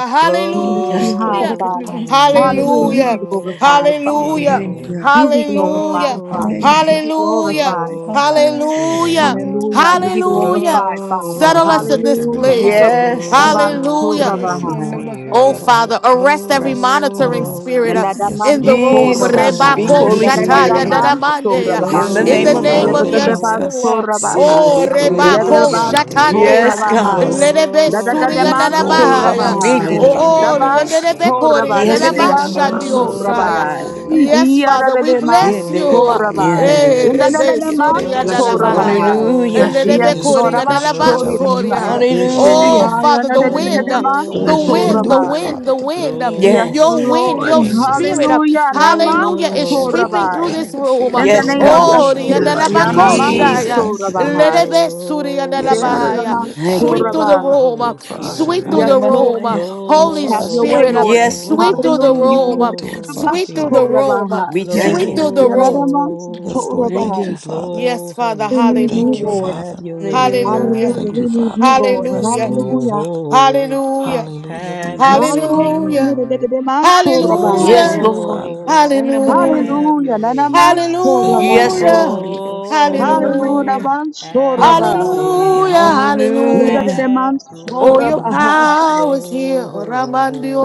We lift
thank you,
you
Yes,
high,
Hallelujah.
Lord, in the
Father.
name.
Blow,
Hallelujah.
thank
Hallelujah.
you,
You be
Hallelujah.
blow,
glorified,
Holy
Father.
Hallelujah.
thank
Spirit.
you,
Hallelujah.
You be glorified,
Hallelujah.
Father.
Blow,
thank you.
You
Hallelujah.
be
Hallelujah.
glorified.
blow, Holy
Hallelujah.
Spirit.
Hallelujah.
Hallelujah. You be
Yes, Lord.
Hallelujah.
glorified,
You've
Father.
Settle
won the
us in
Blow,
this
victory.
Hallelujah.
place.
Hallelujah.
Yes, God.
blow,
Hallelujah.
Good
Thank you,
Holy
Rabansurabahai,
son of
Lord.
my
Oh,
heart.
Spirit.
Settle here.
Father, arrest every
Rest on
monitoring
us.
the
spirit uh,
Blow,
Yes,
in the
Lord.
room.
Ite
Jesus,
Blow,
Nadamansurabahai,
basore de
speak,
Rebako
Holy
in
debe
Holy
the
sore de
Shataya
ba.
Spirit.
Hallelujah.
Spirit,
Dadamande, uh,
Hendele be
In
Nadadamansurabahai,
the
In
sore
name
the
la
of the
ba.
Hallelujah.
name
Lord
of
Yedele
blow,
manku.
Jesus.
Yeshua.
Sedele
Yatatabasurabahai,
Oh,
be
blow,
elele
Holy
Rebako
Hallelujah.
mansu de le
Spirit,
Shatande.
baku
uh,
Yes,
de la
Levelbansurabahai,
God.
basse.
Lerebe Surya
Yes, Lord. Ite
blow,
la
I
Dadabahaya.
Speak,
mansu
am
Dadadadamansurabahai,
de le
Holy
baku
blow,
de
Oh,
Spirit.
Hallelujah.
la
Holy
basso.
Yenderebe Korea
Dabansurabahai,
Spirit,
Yes,
Hedele la
Lord.
mansu
Ah,
de le
Dadabashandiosaya.
Dadadamansurabahai,
beku de la
Yes,
blow,
basso.
Father, we bless
blow,
Hendele
you.
ba.
Holy
Yadadadamansurabahai,
Yokun de le
Eh,
in
Yes.
the
Spirit,
Rebe
besi. Yete de be
Surya
bless your
sore la
name.
ba.
Dadabahaya.
Nadadamansurabahai.
Hallelujah.
Bless your
Yes,
blow,
name.
Yes,
Lord,
Lord, we stretch out in
Blow,
you,
Holy
Abansurabahai,
Father.
Bless your
Yes,
Oh,
Lord.
Spirit,
name.
Hallelujah.
Father, the wind,
Hallelujah. Only
the
Bless
you
your
can
wind,
name.
the
do it,
Ayanadadamansurabahai.
blow,
wind,
Father.
the
Take the
wind,
pain
Yes,
blow,
away.
your
Yes.
Holy
Take
wind,
the
Lord.
your
anxiousness.
Spirit,
spirit,
Take the,
Hallelujah.
the
Naman
hallelujah, is
depression, Father,
sweeping
the
through
Sorabai.
panic,
this
blow,
the
room.
fear in
In
the
the
Yes,
name
name
of
of
God.
blow,
Oh,
Yeshua.
Holy
Yeshua.
Yes.
Yes, Lord,
Yanaman
Hallelujah.
we
Spirit,
riandalabakoshaya,
thank you
Jesus.
in
Sorabahai.
advance. Yes, Lord,
blow,
lelebesuriandalabahaya.
do
Deraman
it,
Thank
Father.
sweep
you.
through the
Sorabai.
blow,
room,
Do
Holy
it for us,
People,
O
sweep through
son
Yes,
of
the
Spirit,
Yahweh.
my
Lord.
room,
heart.
Do it
Holy
for
Have
us,
your way,
Spirit,
Yahweh.
Lord.
Yes,
Thank you,
blow,
sweep
Lord.
through the
Lord.
Hallelujah. You can
room,
blow,
Do it for
Holy
Naman
us,
sweep through the
Lord.
Spirit,
room,
Sorabahai.
We
Yes,
thank
sweep through
you.
Lord.
the room.
Yanaman
blow,
Yes, Lord.
Thank
Thank you,
you.
Sorabahai.
Father.
blow,
Yes, Father,
Holy
We need you,
Thank you,
Spirit,
hallelujah.
Lord.
have
Father.
your way,
Hallelujah.
ah.
Hallelujah.
Thank you,
We
Hallelujah.
need you,
Father. We
Lord.
rest
Hallelujah.
in you,
Hallelujah.
Father.
Oh,
Hallelujah.
Hallelujah. We
have your
rest in
way,
Hallelujah.
you.
Hallelujah.
Lord.
Deraman
We rest
Sorabahai.
Yes,
in you,
Hallelujah.
Lord.
Father.
Ego
Oh,
Son of
Hallelujah.
Bahia.
have
Hallelujah.
your way,
Nanaman
ah.
Thank you,
Sorabahai.
Yes,
Lord.
Lord.
Hallelujah.
Ego Son of
Hallelujah,
Oh,
Hallelujah.
Bahia.
Ban
have
Soraba.
your
Hallelujah.
way,
Hallelujah. Thank
ah.
you, Father.
Yada
Hallelujah.
de
Hallelujah.
Man
Have your
Oh, your
Soraba.
way,
Hallelujah, Father.
power is
Thank you.
here.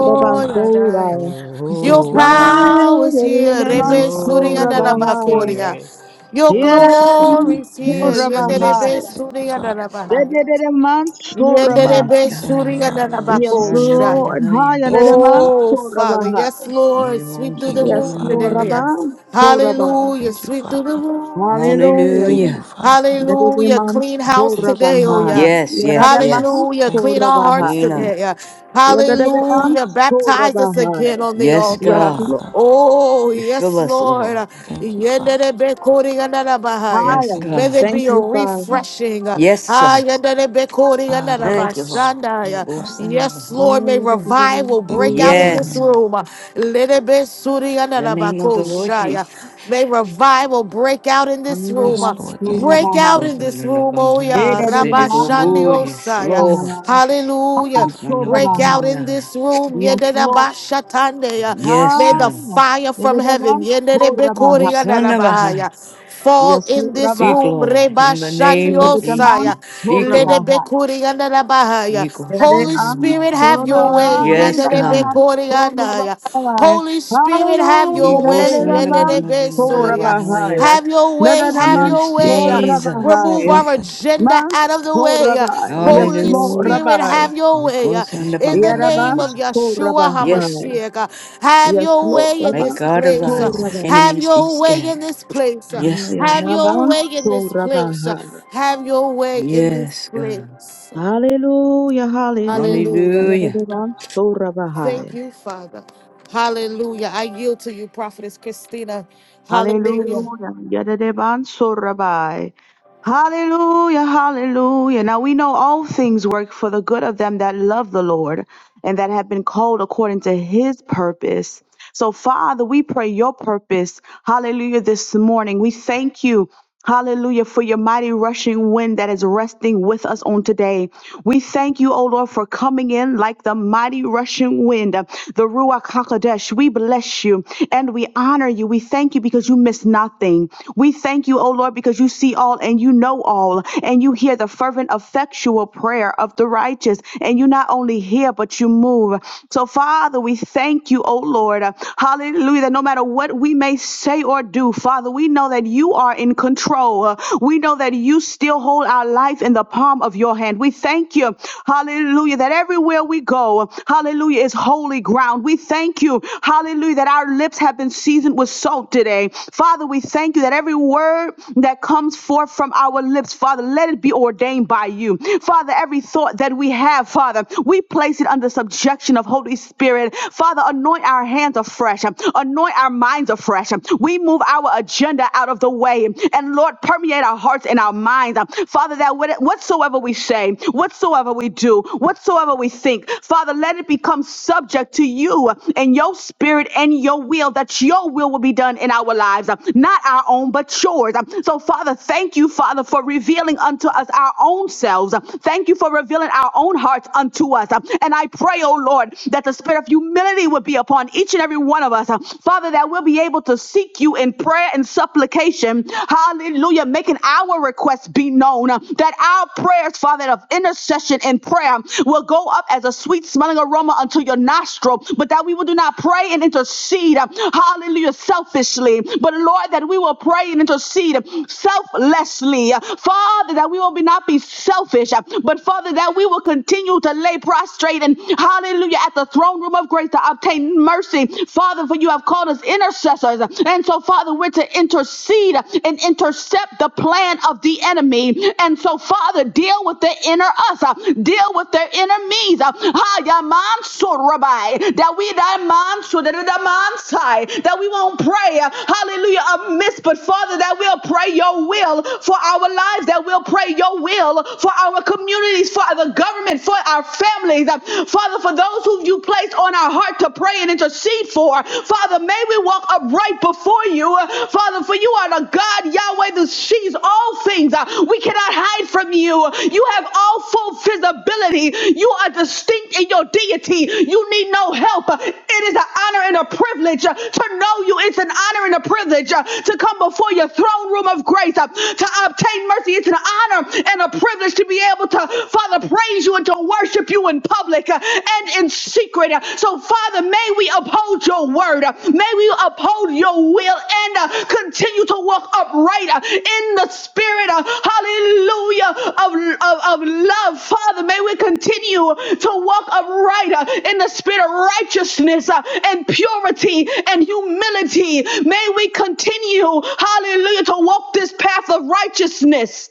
Thank you,
Ban
Father.
Yadaya.
Soraya.
We
Your
thank you, Father.
blow,
power is
Hallelujah, de
here.
de
Thank
Man
you,
Rebe
Father.
blow,
Surianda
Soraba.
Holy
Labakoria.
Spirit.
Your
Yada
Thank you,
de Man
glory
Father.
is here.
Yes,
Soraba.
Jesus.
Yenderebe
Thank you, Father.
Surianda Labahaya.
Yada de Man Soraba.
Yes,
Yenderebe
God.
Thank you, Father.
Ego
Yes,
Son of
suriyadanabakoshaya.
Lord.
Bahia.
Haya
Thank
de
you,
Man
Father.
Oh,
Soraba.
Father, yes, Lord,
Ego
sweep through the
Thank
Son
you,
of
room
Yes, Lord.
Father.
today.
Rabba
Bahia.
Soraba.
Hallelujah,
Thank you,
sweep through the
Father.
room today.
Hallelujah.
Thank you,
Hallelujah.
Yada
Father.
a
Hallelujah,
Man
clean house
Thank you,
Soraba.
today, oh yeah.
Father.
Yes,
Yada
yes,
de Man
yes.
Hallelujah,
Thank
clean
you,
our
Father.
Soraba.
hearts
You know.
today.
Yada
Thank
de
you,
Man
Hallelujah,
Father.
baptize us
Soraba.
again on the
Yes,
Thank you,
Yes,
altar.
God.
Lord.
Father.
Oh,
Refill
yes,
us, Lord.
Lord.
Thank you, Father.
Yenderebe koriyadabahaya.
Yes,
Higher.
Thank you,
May
God.
there
Thank
be
Father.
a
you, Father.
refreshing. uh,
Yes, sir.
ah, yanda de be kori,
Ah,
yanda
da,
da
da,
Thank
ba,
you, Lord.
so, da,
We
da,
yeah.
will
ba.
send them
Yes,
along.
Lord, may revival
Thank
break
you,
out
Ayarabakurabaha.
in this
Father.
Yes,
room. uh, lede be suri,
in
yanda
the
da
name of the
Thank you,
Lord
yeah.
Jesus.
Father.
May revival break out in this room.
Yes,
uh,
Lord,
Yes,
thank you.
Lord.
Break
Ayarabakurabaha.
out
Go
in
send
this
them
room,
along.
oh yeah.
Yes, city,
Edadadabaha.
go, oh,
Hallelujah.
yes,
Rabashandiosa, yeah.
Lord. Go
Hallelujah
Thank you,
send them
Lord.
break
Kurabaha.
out in
along.
this room.
Yes, Lord.
Yedidabashatande, uh,
Yes,
May the
God.
Higher.
fire from heaven
Go
Edadabakurabaha.
send them along.
yedidibikuriyadadabahaya, fall
Yes, Lord.
in this
Rabba.
Speak,
room.
Lord, in the name of Jesus.
Edadadaman.
Rebashandiosaya,
Speak, Lord.
Kurabaha.
ledibikuriyanadabahaya.
You go send
Holy
them
Edadan.
Spirit, have your
along.
way.
Yes,
Kuradanaman.
God.
Yedidibikuriyandaya.
Kurabaha.
Holy Spirit, have
You
Hallelujah.
your
go
way.
send them
Edadadaman.
Yenderebesoria.
Kurabaha.
along.
Have your way, have
Nadadaman.
your
Yes,
way.
Jesus.
Kurabaha.
Remove
Lord,
our
thank you.
agenda out of the
Manso
way.
Rabbi, yes,
Holy
Lord
Hallelujah.
Spirit,
Rabbi,
have your
We
way.
close on
Thank
the
you,
In the
Lord.
name of
Yarabans
behind.
to
Yeshua
Yes,
Rabbi,
Lord.
HaMashiach, have
yes,
your
Lord
way in
May
Rabbi,
this
God
Thank
place.
you,
so
arise and
Lord.
Rabbi,
Have
enemies be
your way in
scattered.
this place.
Yes, Lord.
Have your
Yarabans
way in this
to
place.
Rabbi,
Have your way in this
Yes, God.
place.
Hallelujah, Hallelujah,
Hallelujah.
Hallelujah.
Yarabans to Rabbi,
Thank you, Father. Hallelujah. I yield to you, Prophetess Christina. Hallelujah.
Hallelujah, Yarabans so Rabbi, Hallelujah, Hallelujah. Now we know all things work for the good of them that love the Lord and that have been called according to his purpose. So, Father, we pray your purpose. Hallelujah. This morning, we thank you. Hallelujah for your mighty rushing wind that is resting with us on today. We thank you, O Lord, for coming in like the mighty rushing wind, uh, the Ruach HaKodesh. We bless you and we honor you. We thank you because you miss nothing. We thank you, O Lord, because you see all and you know all and you hear the fervent, effectual prayer of the righteous. And you not only we hear, but you move. So, Father, we thank you, oh Lord. Uh, Hallelujah. That no matter what we may say or do, Father, we know that you are in control. Uh, We know that you still hold our life in the palm of your hand. We thank you, hallelujah, that everywhere we go, hallelujah, is holy ground. We thank you, hallelujah, that our lips have been seasoned with salt today. Father, we thank you that every word that comes forth from our lips, Father, let it be ordained by you. Father, every thought that we have, Father. We place it under subjection of Holy Spirit. Father, anoint our hands afresh, anoint our minds afresh. We move our agenda out of the way and Lord, permeate our hearts and our minds. Father, that whatsoever we say, whatsoever we do, whatsoever we think, Father, let it become subject to you and your spirit and your will, that your will will be done in our lives, not our own, but yours. So, Father, thank you, Father, for revealing unto us our own selves. Thank you for revealing harden our own hearts unto us. Uh, And I pray, oh Lord, that the spirit of humility would be upon each and every one of us. Uh, Father, that we'll be able to seek you in prayer and supplication. Hallelujah. Making our requests be known. Uh, That our prayers, Father, of intercession and prayer will go up as a sweet smelling aroma unto your nostril. But that we will do not pray and intercede. uh, Hallelujah. Selfishly. But Lord, that we will pray and intercede selflessly. Father, that we will be not be selfish, but Father, that we will continue to lay prostrate and hallelujah at the throne room of grace to obtain mercy. Father, for you have called us intercessors. And so, Father, we're to intercede and intercept the plan of the enemy. And so, Father, deal with the inner us, uh, deal with their enemies. uh, ha, ya man so That we da man so da da man sai, that we won't pray, uh, hallelujah, amiss, but Father, that we'll pray your will for our lives, that we'll pray your will for our communities, for the government, for our families. Uh, Father, for those who you placed on our heart to pray and intercede for, Father, may we walk upright before you. Uh, Father, for you are the God, Yahweh, who sees all things. Uh, We cannot hide from you. You have all full visibility. You are distinct in your deity. You need no help. Uh, It is an honor and a privilege uh, to know you. It's an honor and a privilege uh, to come before your throne room of grace, uh, to obtain mercy. It's an honor and a privilege to be able to, Father, praise you and to worship you in public uh, and in secret. Uh, So, Father, may we uphold your word. Uh, May we uphold your will and uh, continue to walk upright uh, in the spirit, uh, hallelujah, of, of, of love. Father, may we continue to walk upright uh, in the spirit of righteousness uh, and purity and humility. May we continue, hallelujah, to walk this path of righteousness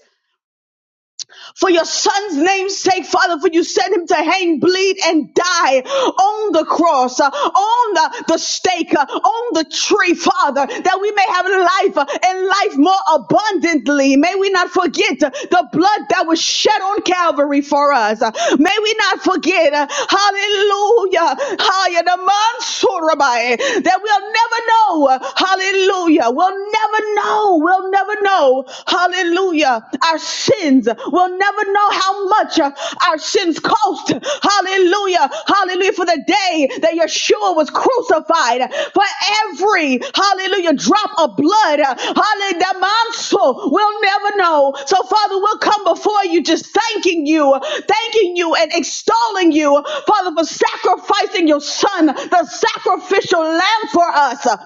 for your son's name's sake, Father, for you sent him to hang, bleed, and die on the cross, uh, on the, the stake, uh, on the tree, Father, that we may have life uh, and life more abundantly. May we not forget uh, the blood that was shed on Calvary for us. Uh, May we not forget, uh, hallelujah, hallelujah, the Mansurabai, that we'll never know, uh, hallelujah, we'll never know, we'll never never know, hallelujah, our sins. We'll never know how much uh, our sins cost. Hallelujah, hallelujah, for the day that Yeshua was crucified, for every, hallelujah, drop of blood, uh, hallelujah, we'll never know. So, Father, we'll come before you just thanking you, thanking you, and extolling you, Father, for sacrificing your Son, the sacrificial lamb for us.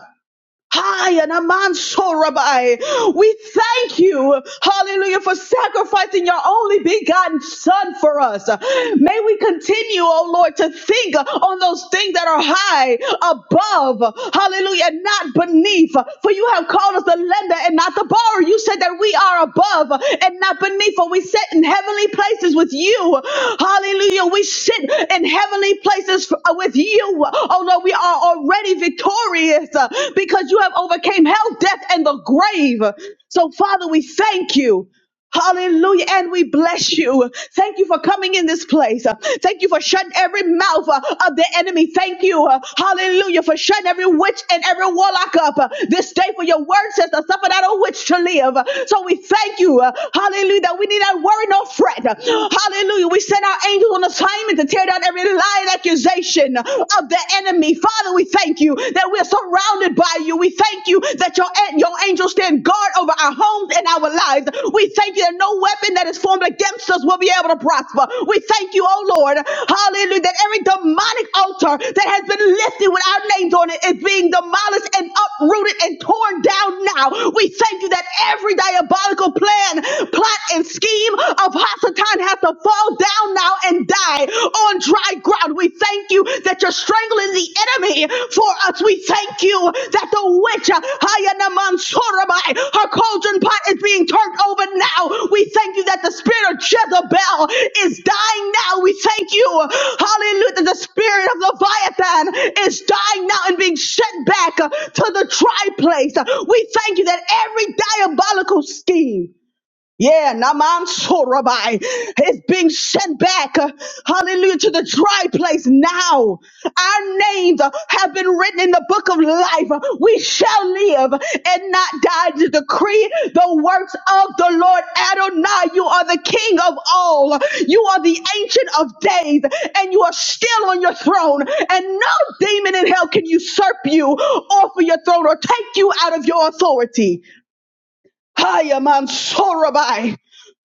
Hi, and a man so rabbi. We thank you, hallelujah, for sacrificing your only begotten son for us. May we continue, oh Lord, to think on those things that are high above, hallelujah, and not beneath. For you have called us the lender and not the borrower. You said that we are above and not beneath, for we sit in heavenly places with you. Hallelujah. We sit in heavenly places f- uh, with you. Oh Lord, we are already victorious uh, because you have overcame hell, death, and the grave. So Father, we thank you. Hallelujah. And we bless you. Thank you for coming in this place. Uh, Thank you for shutting every mouth uh, of the enemy. Thank you. uh, Hallelujah. For shutting every witch and every warlock up uh, this day for your word says to suffer not a witch to live. Uh, So we thank you. uh, Hallelujah. That we need not worry nor fret. Uh, Hallelujah. We send our angels on assignment to tear down every lie and accusation of the enemy. Father, we thank you that we're surrounded surrounded by you. We thank you that your, your angels stand guard over our homes and our lives. We thank you that no weapon that is formed against us will be able to prosper. We thank you, oh Lord, hallelujah, that every demonic altar that has been lifted with our names on it is being demolished and uprooted and torn down now. We thank you that every diabolical plan, plot, and scheme of Hasatan has to fall down now and die on dry ground. We thank you that you're strangling the enemy for us. We thank you that the witch, uh, Hayanaman her cauldron pot is being turned over now. We thank you that the spirit of Jezebel is dying now. We thank you, hallelujah, that the spirit of Leviathan is dying now and being sent back uh, to the dry place. We thank you that every diabolical scheme yeah, Naman Sorabai is being sent back, uh, hallelujah, to the dry place now. Our names uh, have been written in the book of life. Uh, We shall live and not die to decree the works of the Lord Adonai. You are the King of all. You are the Ancient of Days, and you are still on your throne. And no demon in hell can usurp you off of your throne or take you out of your authority. Hiya Mansorabai.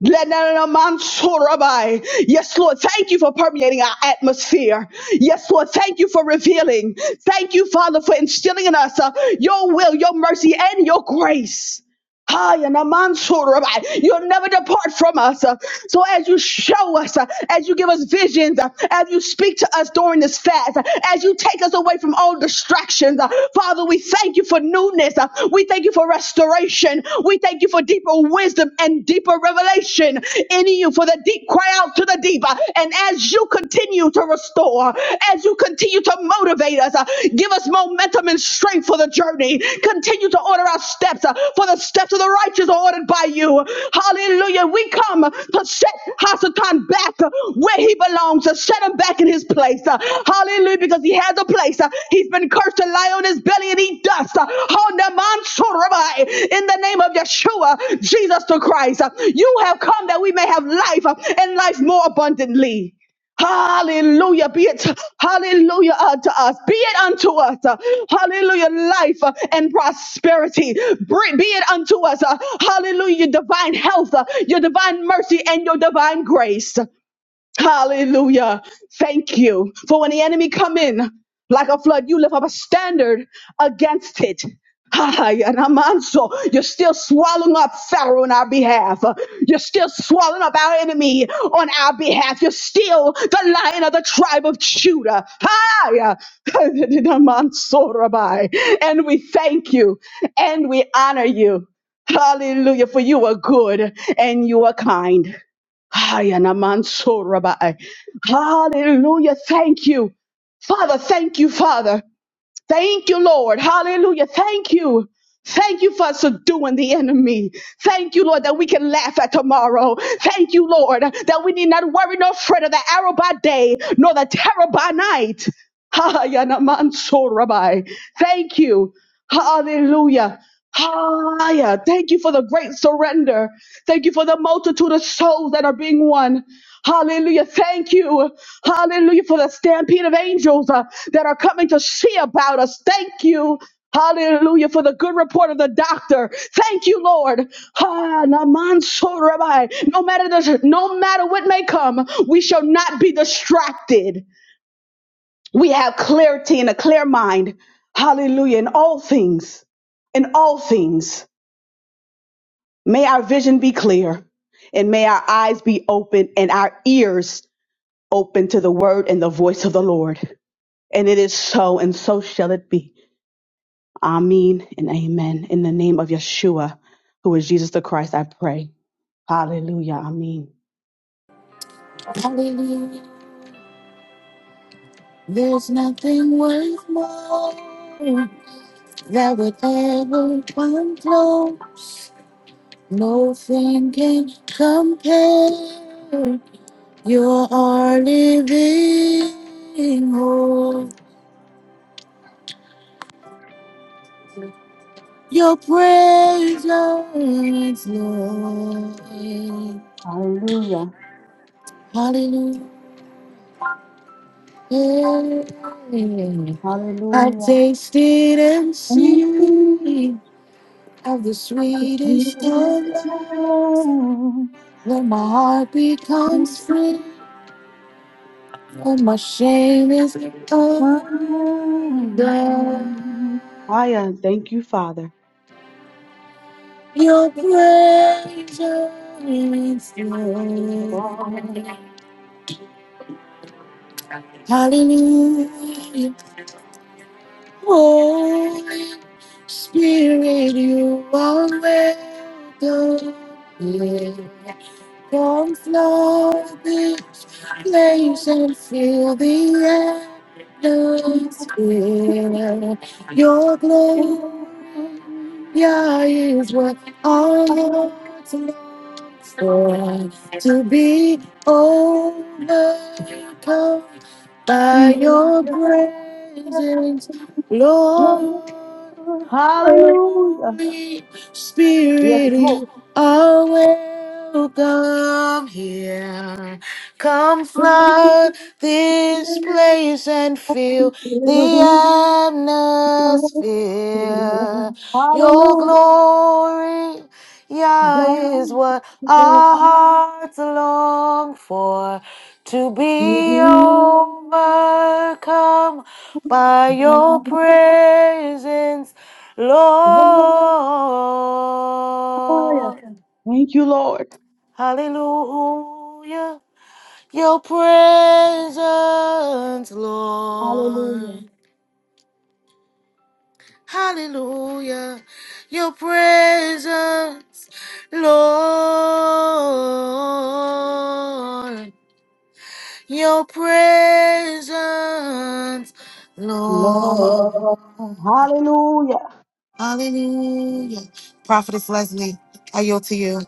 Lenana Mansorabai. Yes, Lord, thank you for permeating our atmosphere. Yes, Lord, thank you for revealing. Thank you, Father, for instilling in us uh, your will, your mercy, and your grace. Hi, and Aman Sorabai. You'll never depart from us. Uh, So as you show us, uh, as you give us visions, uh, as you speak to us during this fast, uh, as you take us away from all distractions, uh, Father, we thank you for newness. Uh, We thank you for restoration. We thank you for deeper wisdom and deeper revelation in you. For the deep cry out to the deep, uh, and as you continue to restore, as you continue to motivate us, uh, give us us momentum and strength for the journey. Continue to order our steps, uh, for the steps of the righteous are ordered by you. Hallelujah. We come to set Hasatan back uh, where he belongs, to set him back in his place. Uh, Hallelujah, because he has a place. Uh, He's been cursed to lie on his belly and eat dust. Uh, Honaman In the name of Yeshua, Jesus the Christ, uh, you have come that we may have life uh, and life more abundantly. Hallelujah. Be it, hallelujah, unto us. Be it unto us. uh, hallelujah, life uh, and prosperity. Br- Be it unto us. uh, hallelujah, your divine health, uh, your divine mercy, and your divine grace. Hallelujah. Thank you. For when the enemy come in like a flood, you lift up a standard against it. Ha, ha, ya, na, man, so You're still swallowing up Pharaoh on our behalf. You're still swallowing up our enemy on our behalf. You're still the lion of the tribe of Judah. Ha, ya, ha, ya, na, man, so *laughs* Rabbi. And we thank you and we honor you. Hallelujah. For you are good and you are kind. Hayanamanso Rabbi. Hallelujah. Thank you. Father, thank you, Father. Thank you, Lord. Hallelujah. Thank you. Thank you for subduing the enemy. Thank you, Lord, that we can laugh at tomorrow. Thank you, Lord, that we need not worry nor fret of the arrow by day, nor the terror by night. Hayanamanso Rabbi. Thank you. Hallelujah. Hallelujah. Thank you for the great surrender. Thank you for the multitude of souls that are being won. Hallelujah. Thank you. Hallelujah for the stampede of angels uh, that are coming to see about us. Thank you. Hallelujah for the good report of the doctor. Thank you, Lord. Ah, Naman so Rabbi. No matter the, no matter what may come, we shall not be distracted. We have clarity and a clear mind. Hallelujah in all things. In all things. May our vision be clear and may our eyes be open and our ears open to the word and the voice of the Lord. And it is so, and so shall it be. Amen and amen. In the name of Yeshua, who is Jesus the Christ, I pray. Hallelujah. Amen.
Hallelujah. There's nothing worth more that would ever come close. No thing can compare. You're living hope. Your praise, Lord. Lord.
Hallelujah.
Hallelujah. I
Hallelujah.
tasted and
Everything
seen of the
is
sweetest of love.
ours
When my heart
to
becomes free, when my shame is undone,
God. Aya, thank you, Father.
your presence Lord.
For
Hallelujah. Holy Spirit, you are welcome. here. Come flow this place and feel the atmosphere. Your glory, yeah, is what our hearts longs for. To be overcome by your presence, Lord.
Hallelujah.
Holy
Yes, Lord.
Spirit, Oh, welcome here. Come flood this place and fill
Hallelujah.
the
God,
atmosphere. Your glory, Yah, is what our hearts long for. To be overcome by your presence, Lord.
Thank you, Lord.
Hallelujah. Your presence,
Hallelujah.
Lord. Hallelujah. Your presence, Lord. Your presence, Lord.
Lord. Hallelujah.
Hallelujah. Prophetess Leslie, I yield to you.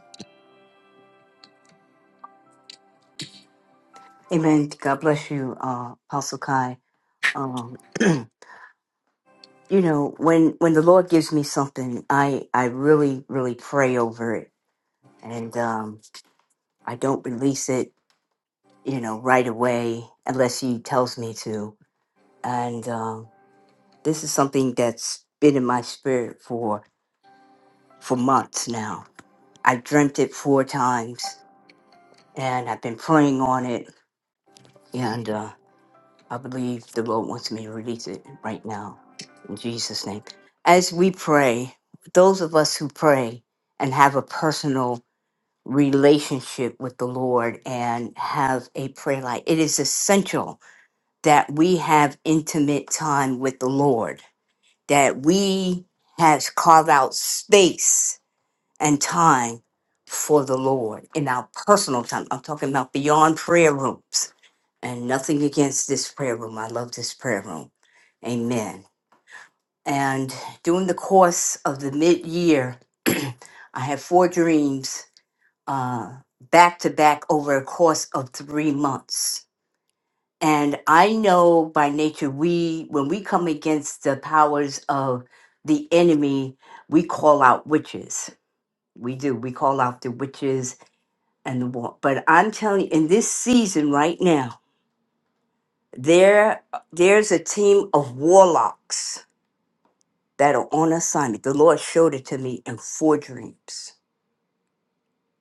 Amen. God bless you, uh, Apostle Kai. Um, *clears throat* you know, when when the Lord gives me something, I I really really pray over it, and um, I don't release it, you know, right away unless He tells me to. And um, this is something that's been in my spirit for for months now I dreamt it four times and I've been praying on it. And uh, I believe the Lord wants me to release it right now in Jesus' name. As we pray, those of us who pray and have a personal relationship with the Lord and have a prayer life, it is essential that we have intimate time with the Lord, that we have carved out space and time for the Lord in our personal time. I'm talking about beyond prayer rooms and nothing against this prayer room. I love this prayer room. Amen. And during the course of the mid year, *clears throat* I had four dreams uh, back to back over a course of three months. And I know by nature, we, when we come against the powers of the enemy, we call out witches. We do. We call out the witches and the walk. But I'm telling you, in this season right now, there there's a team of warlocks that are on assignment. The Lord showed it to me in four dreams.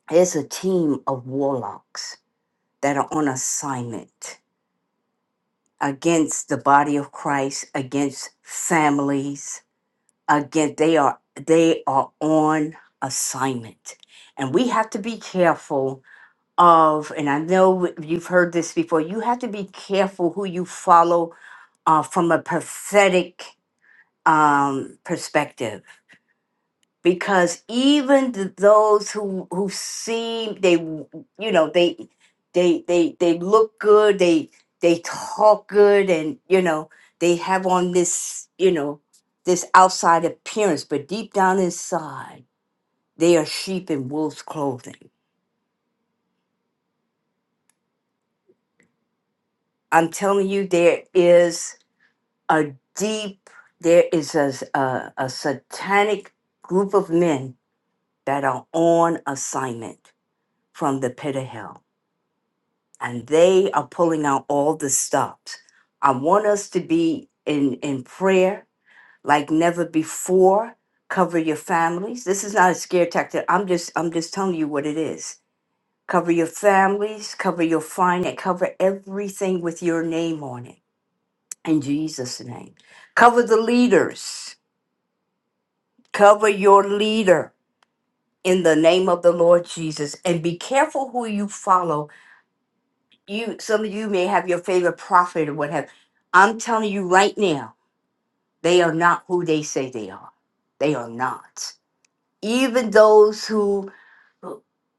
There's a team of warlocks that are on assignment against the body of Christ, against families, again they are they are on assignment. And we have to be careful of, and I know you've heard this before, you have to be careful who you follow uh, from a prophetic um, perspective because even th- those who who seem they w- you know they they they they look good they they talk good and you know they have on this you know this outside appearance but deep down inside they are sheep in wolf's clothing i'm telling you there is a deep there is a, s- a a satanic group of men that are on assignment from the pit of hell, and they are pulling out all the stops. I want us to be in, in prayer like never before. Cover your families. This is not a scare tactic. I'm just I'm just telling you what it is. Cover your families, cover your finance, cover everything with your name on it. In Jesus' name. Cover the leaders. Cover your leader in the name of the Lord Jesus. And be careful who you follow you some of you may have your favorite prophet or whatever. I'm telling you right now, they are not who they say they are. They are not. Even those who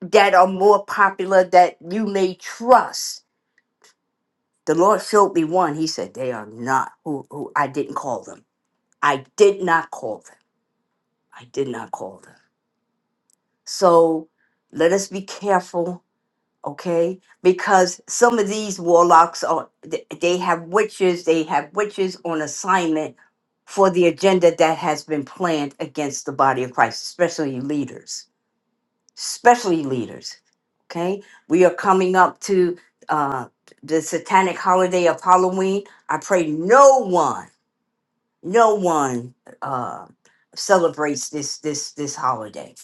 that are more popular that you may trust. The Lord showed me one. He said, They are not who, who I didn't call them. I did not call them. I did not call them. So let us be careful okay because some of these warlocks are th- they have witches they have witches on assignment for the agenda that has been planned against the body of christ especially leaders especially leaders okay we are coming up to uh the satanic holiday of halloween i pray no one no one uh celebrates this this this holiday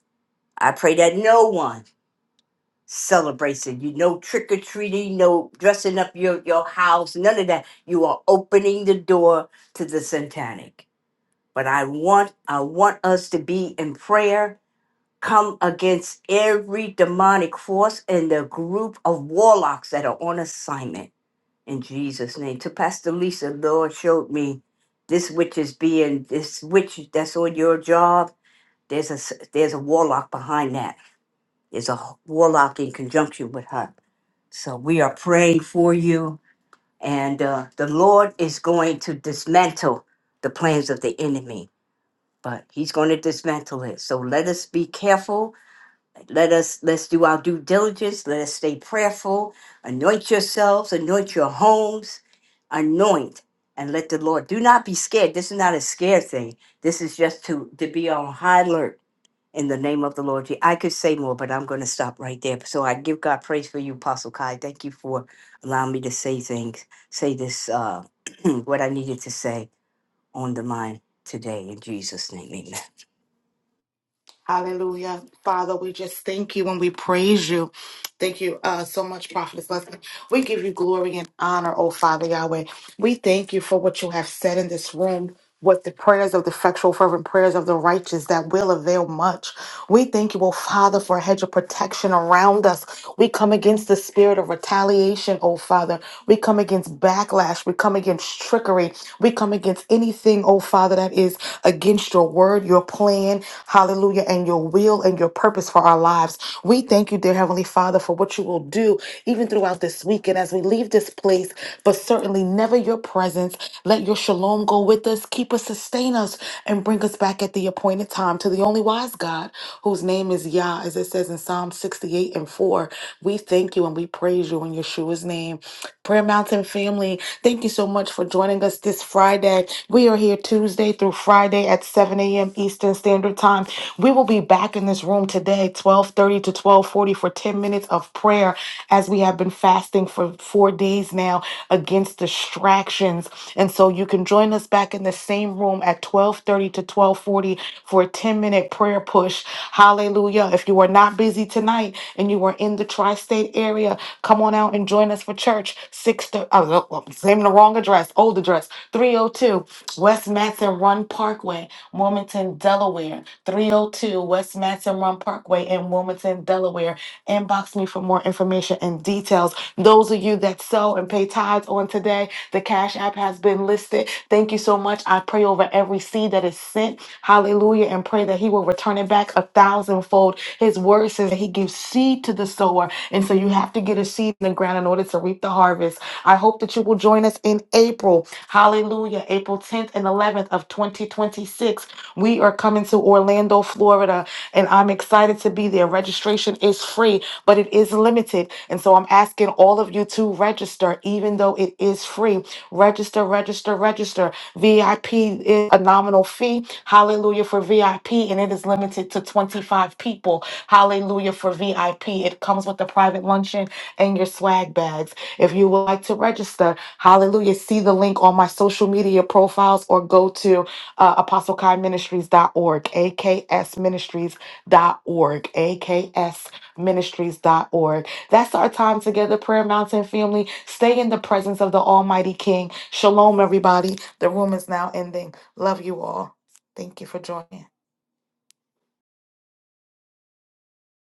i pray that no one celebration. You no trick or treating, no dressing up your your house, none of that. You are opening the door to the satanic. But I want I want us to be in prayer. Come against every demonic force and the group of warlocks that are on assignment in Jesus' name. To Pastor Lisa, Lord showed me this witch is being this witch that's on your job. There's a s- there's a warlock behind that is a warlock in conjunction with her. So we are praying for you, and uh, the Lord is going to dismantle the plans of the enemy. But He's going to dismantle it. So let us be careful. Let us let's do our due diligence. Let us stay prayerful. Anoint yourselves. Anoint your homes. Anoint and let the Lord. Do not be scared. This is not a scare thing. This is just to to be on high alert in the name of the Lord. Je- I could say more, but I'm going to stop right there. So I give God praise for you, Apostle Kai. Thank you for allowing me to say things, say this, uh, *clears throat* what I needed to say on the line today. In Jesus' name, amen.
Hallelujah. Father, we just thank you and we praise you. Thank you uh, so much, Prophetess Leslie. We give you glory and honor, oh Father Yahweh. We thank you for what you have said in this room. What the prayers of the effectual, fervent prayers of the righteous that will avail much. We thank you, oh Father, for a hedge of protection around us. We come against the spirit of retaliation, oh Father. We come against backlash. We come against trickery. We come against anything, oh Father, that is against your word, your plan, hallelujah, and your will and your purpose for our lives. We thank you, dear Heavenly Father, for what you will do, even even throughout this week and as we leave this place, but certainly never your presence. Let your shalom go with us, keep us, sustain us, and bring us back at the appointed time to the only wise God, whose name is Yah, as it says in Psalm 68 and 4. We thank you and we praise you in Yeshua's name. Prayer Mountain family, thank you so much for joining us this Friday. We are here Tuesday through Friday at 7 a.m. Eastern Standard Time. We will be back in this room today, 1230 to 1240 for 10 minutes of prayer as we have been fasting for four days now against distractions. And so you can join us back in the same room at 1230 to 1240 for a 10 minute prayer push. Hallelujah. If you are not busy tonight and you are in the tri-state area, Come on out and join us for church. Six to oh, no, well, same the wrong address, old address, 302 West Matson Run Parkway, Wilmington, Delaware. 302 West Matson Run Parkway in Wilmington, Delaware. Inbox me for more information and details. Those of you that sow and pay tithes on today, the Cash App has been listed. Thank you so much. I pray over every seed that is sent. Hallelujah. And pray that He will return it back a thousandfold. His word says that He gives seed to the sower. And so you have to get a seed in the ground in order to reap the harvest. I hope that you will join us in April. Hallelujah. April 10th and 11th of 2026. We are coming to Orlando, Florida, and I'm excited to be there. Registration is free, but it is limited. And so I'm asking all of you to register, even though it is free. Register, register, register. VIP is a nominal fee. Hallelujah for VIP, and it is limited to 25 people. Hallelujah for VIP. It comes with a private luncheon and your swag bags. If you would like to register, hallelujah, see the link on my social media profiles or go to uh, apostlekaiministries.org, aksministries.org, aksministries.org. That's our time together, Prayer Mountain family. Stay in the presence of the Almighty King. Shalom, everybody. The room is now ending. Love you all. Thank you for joining.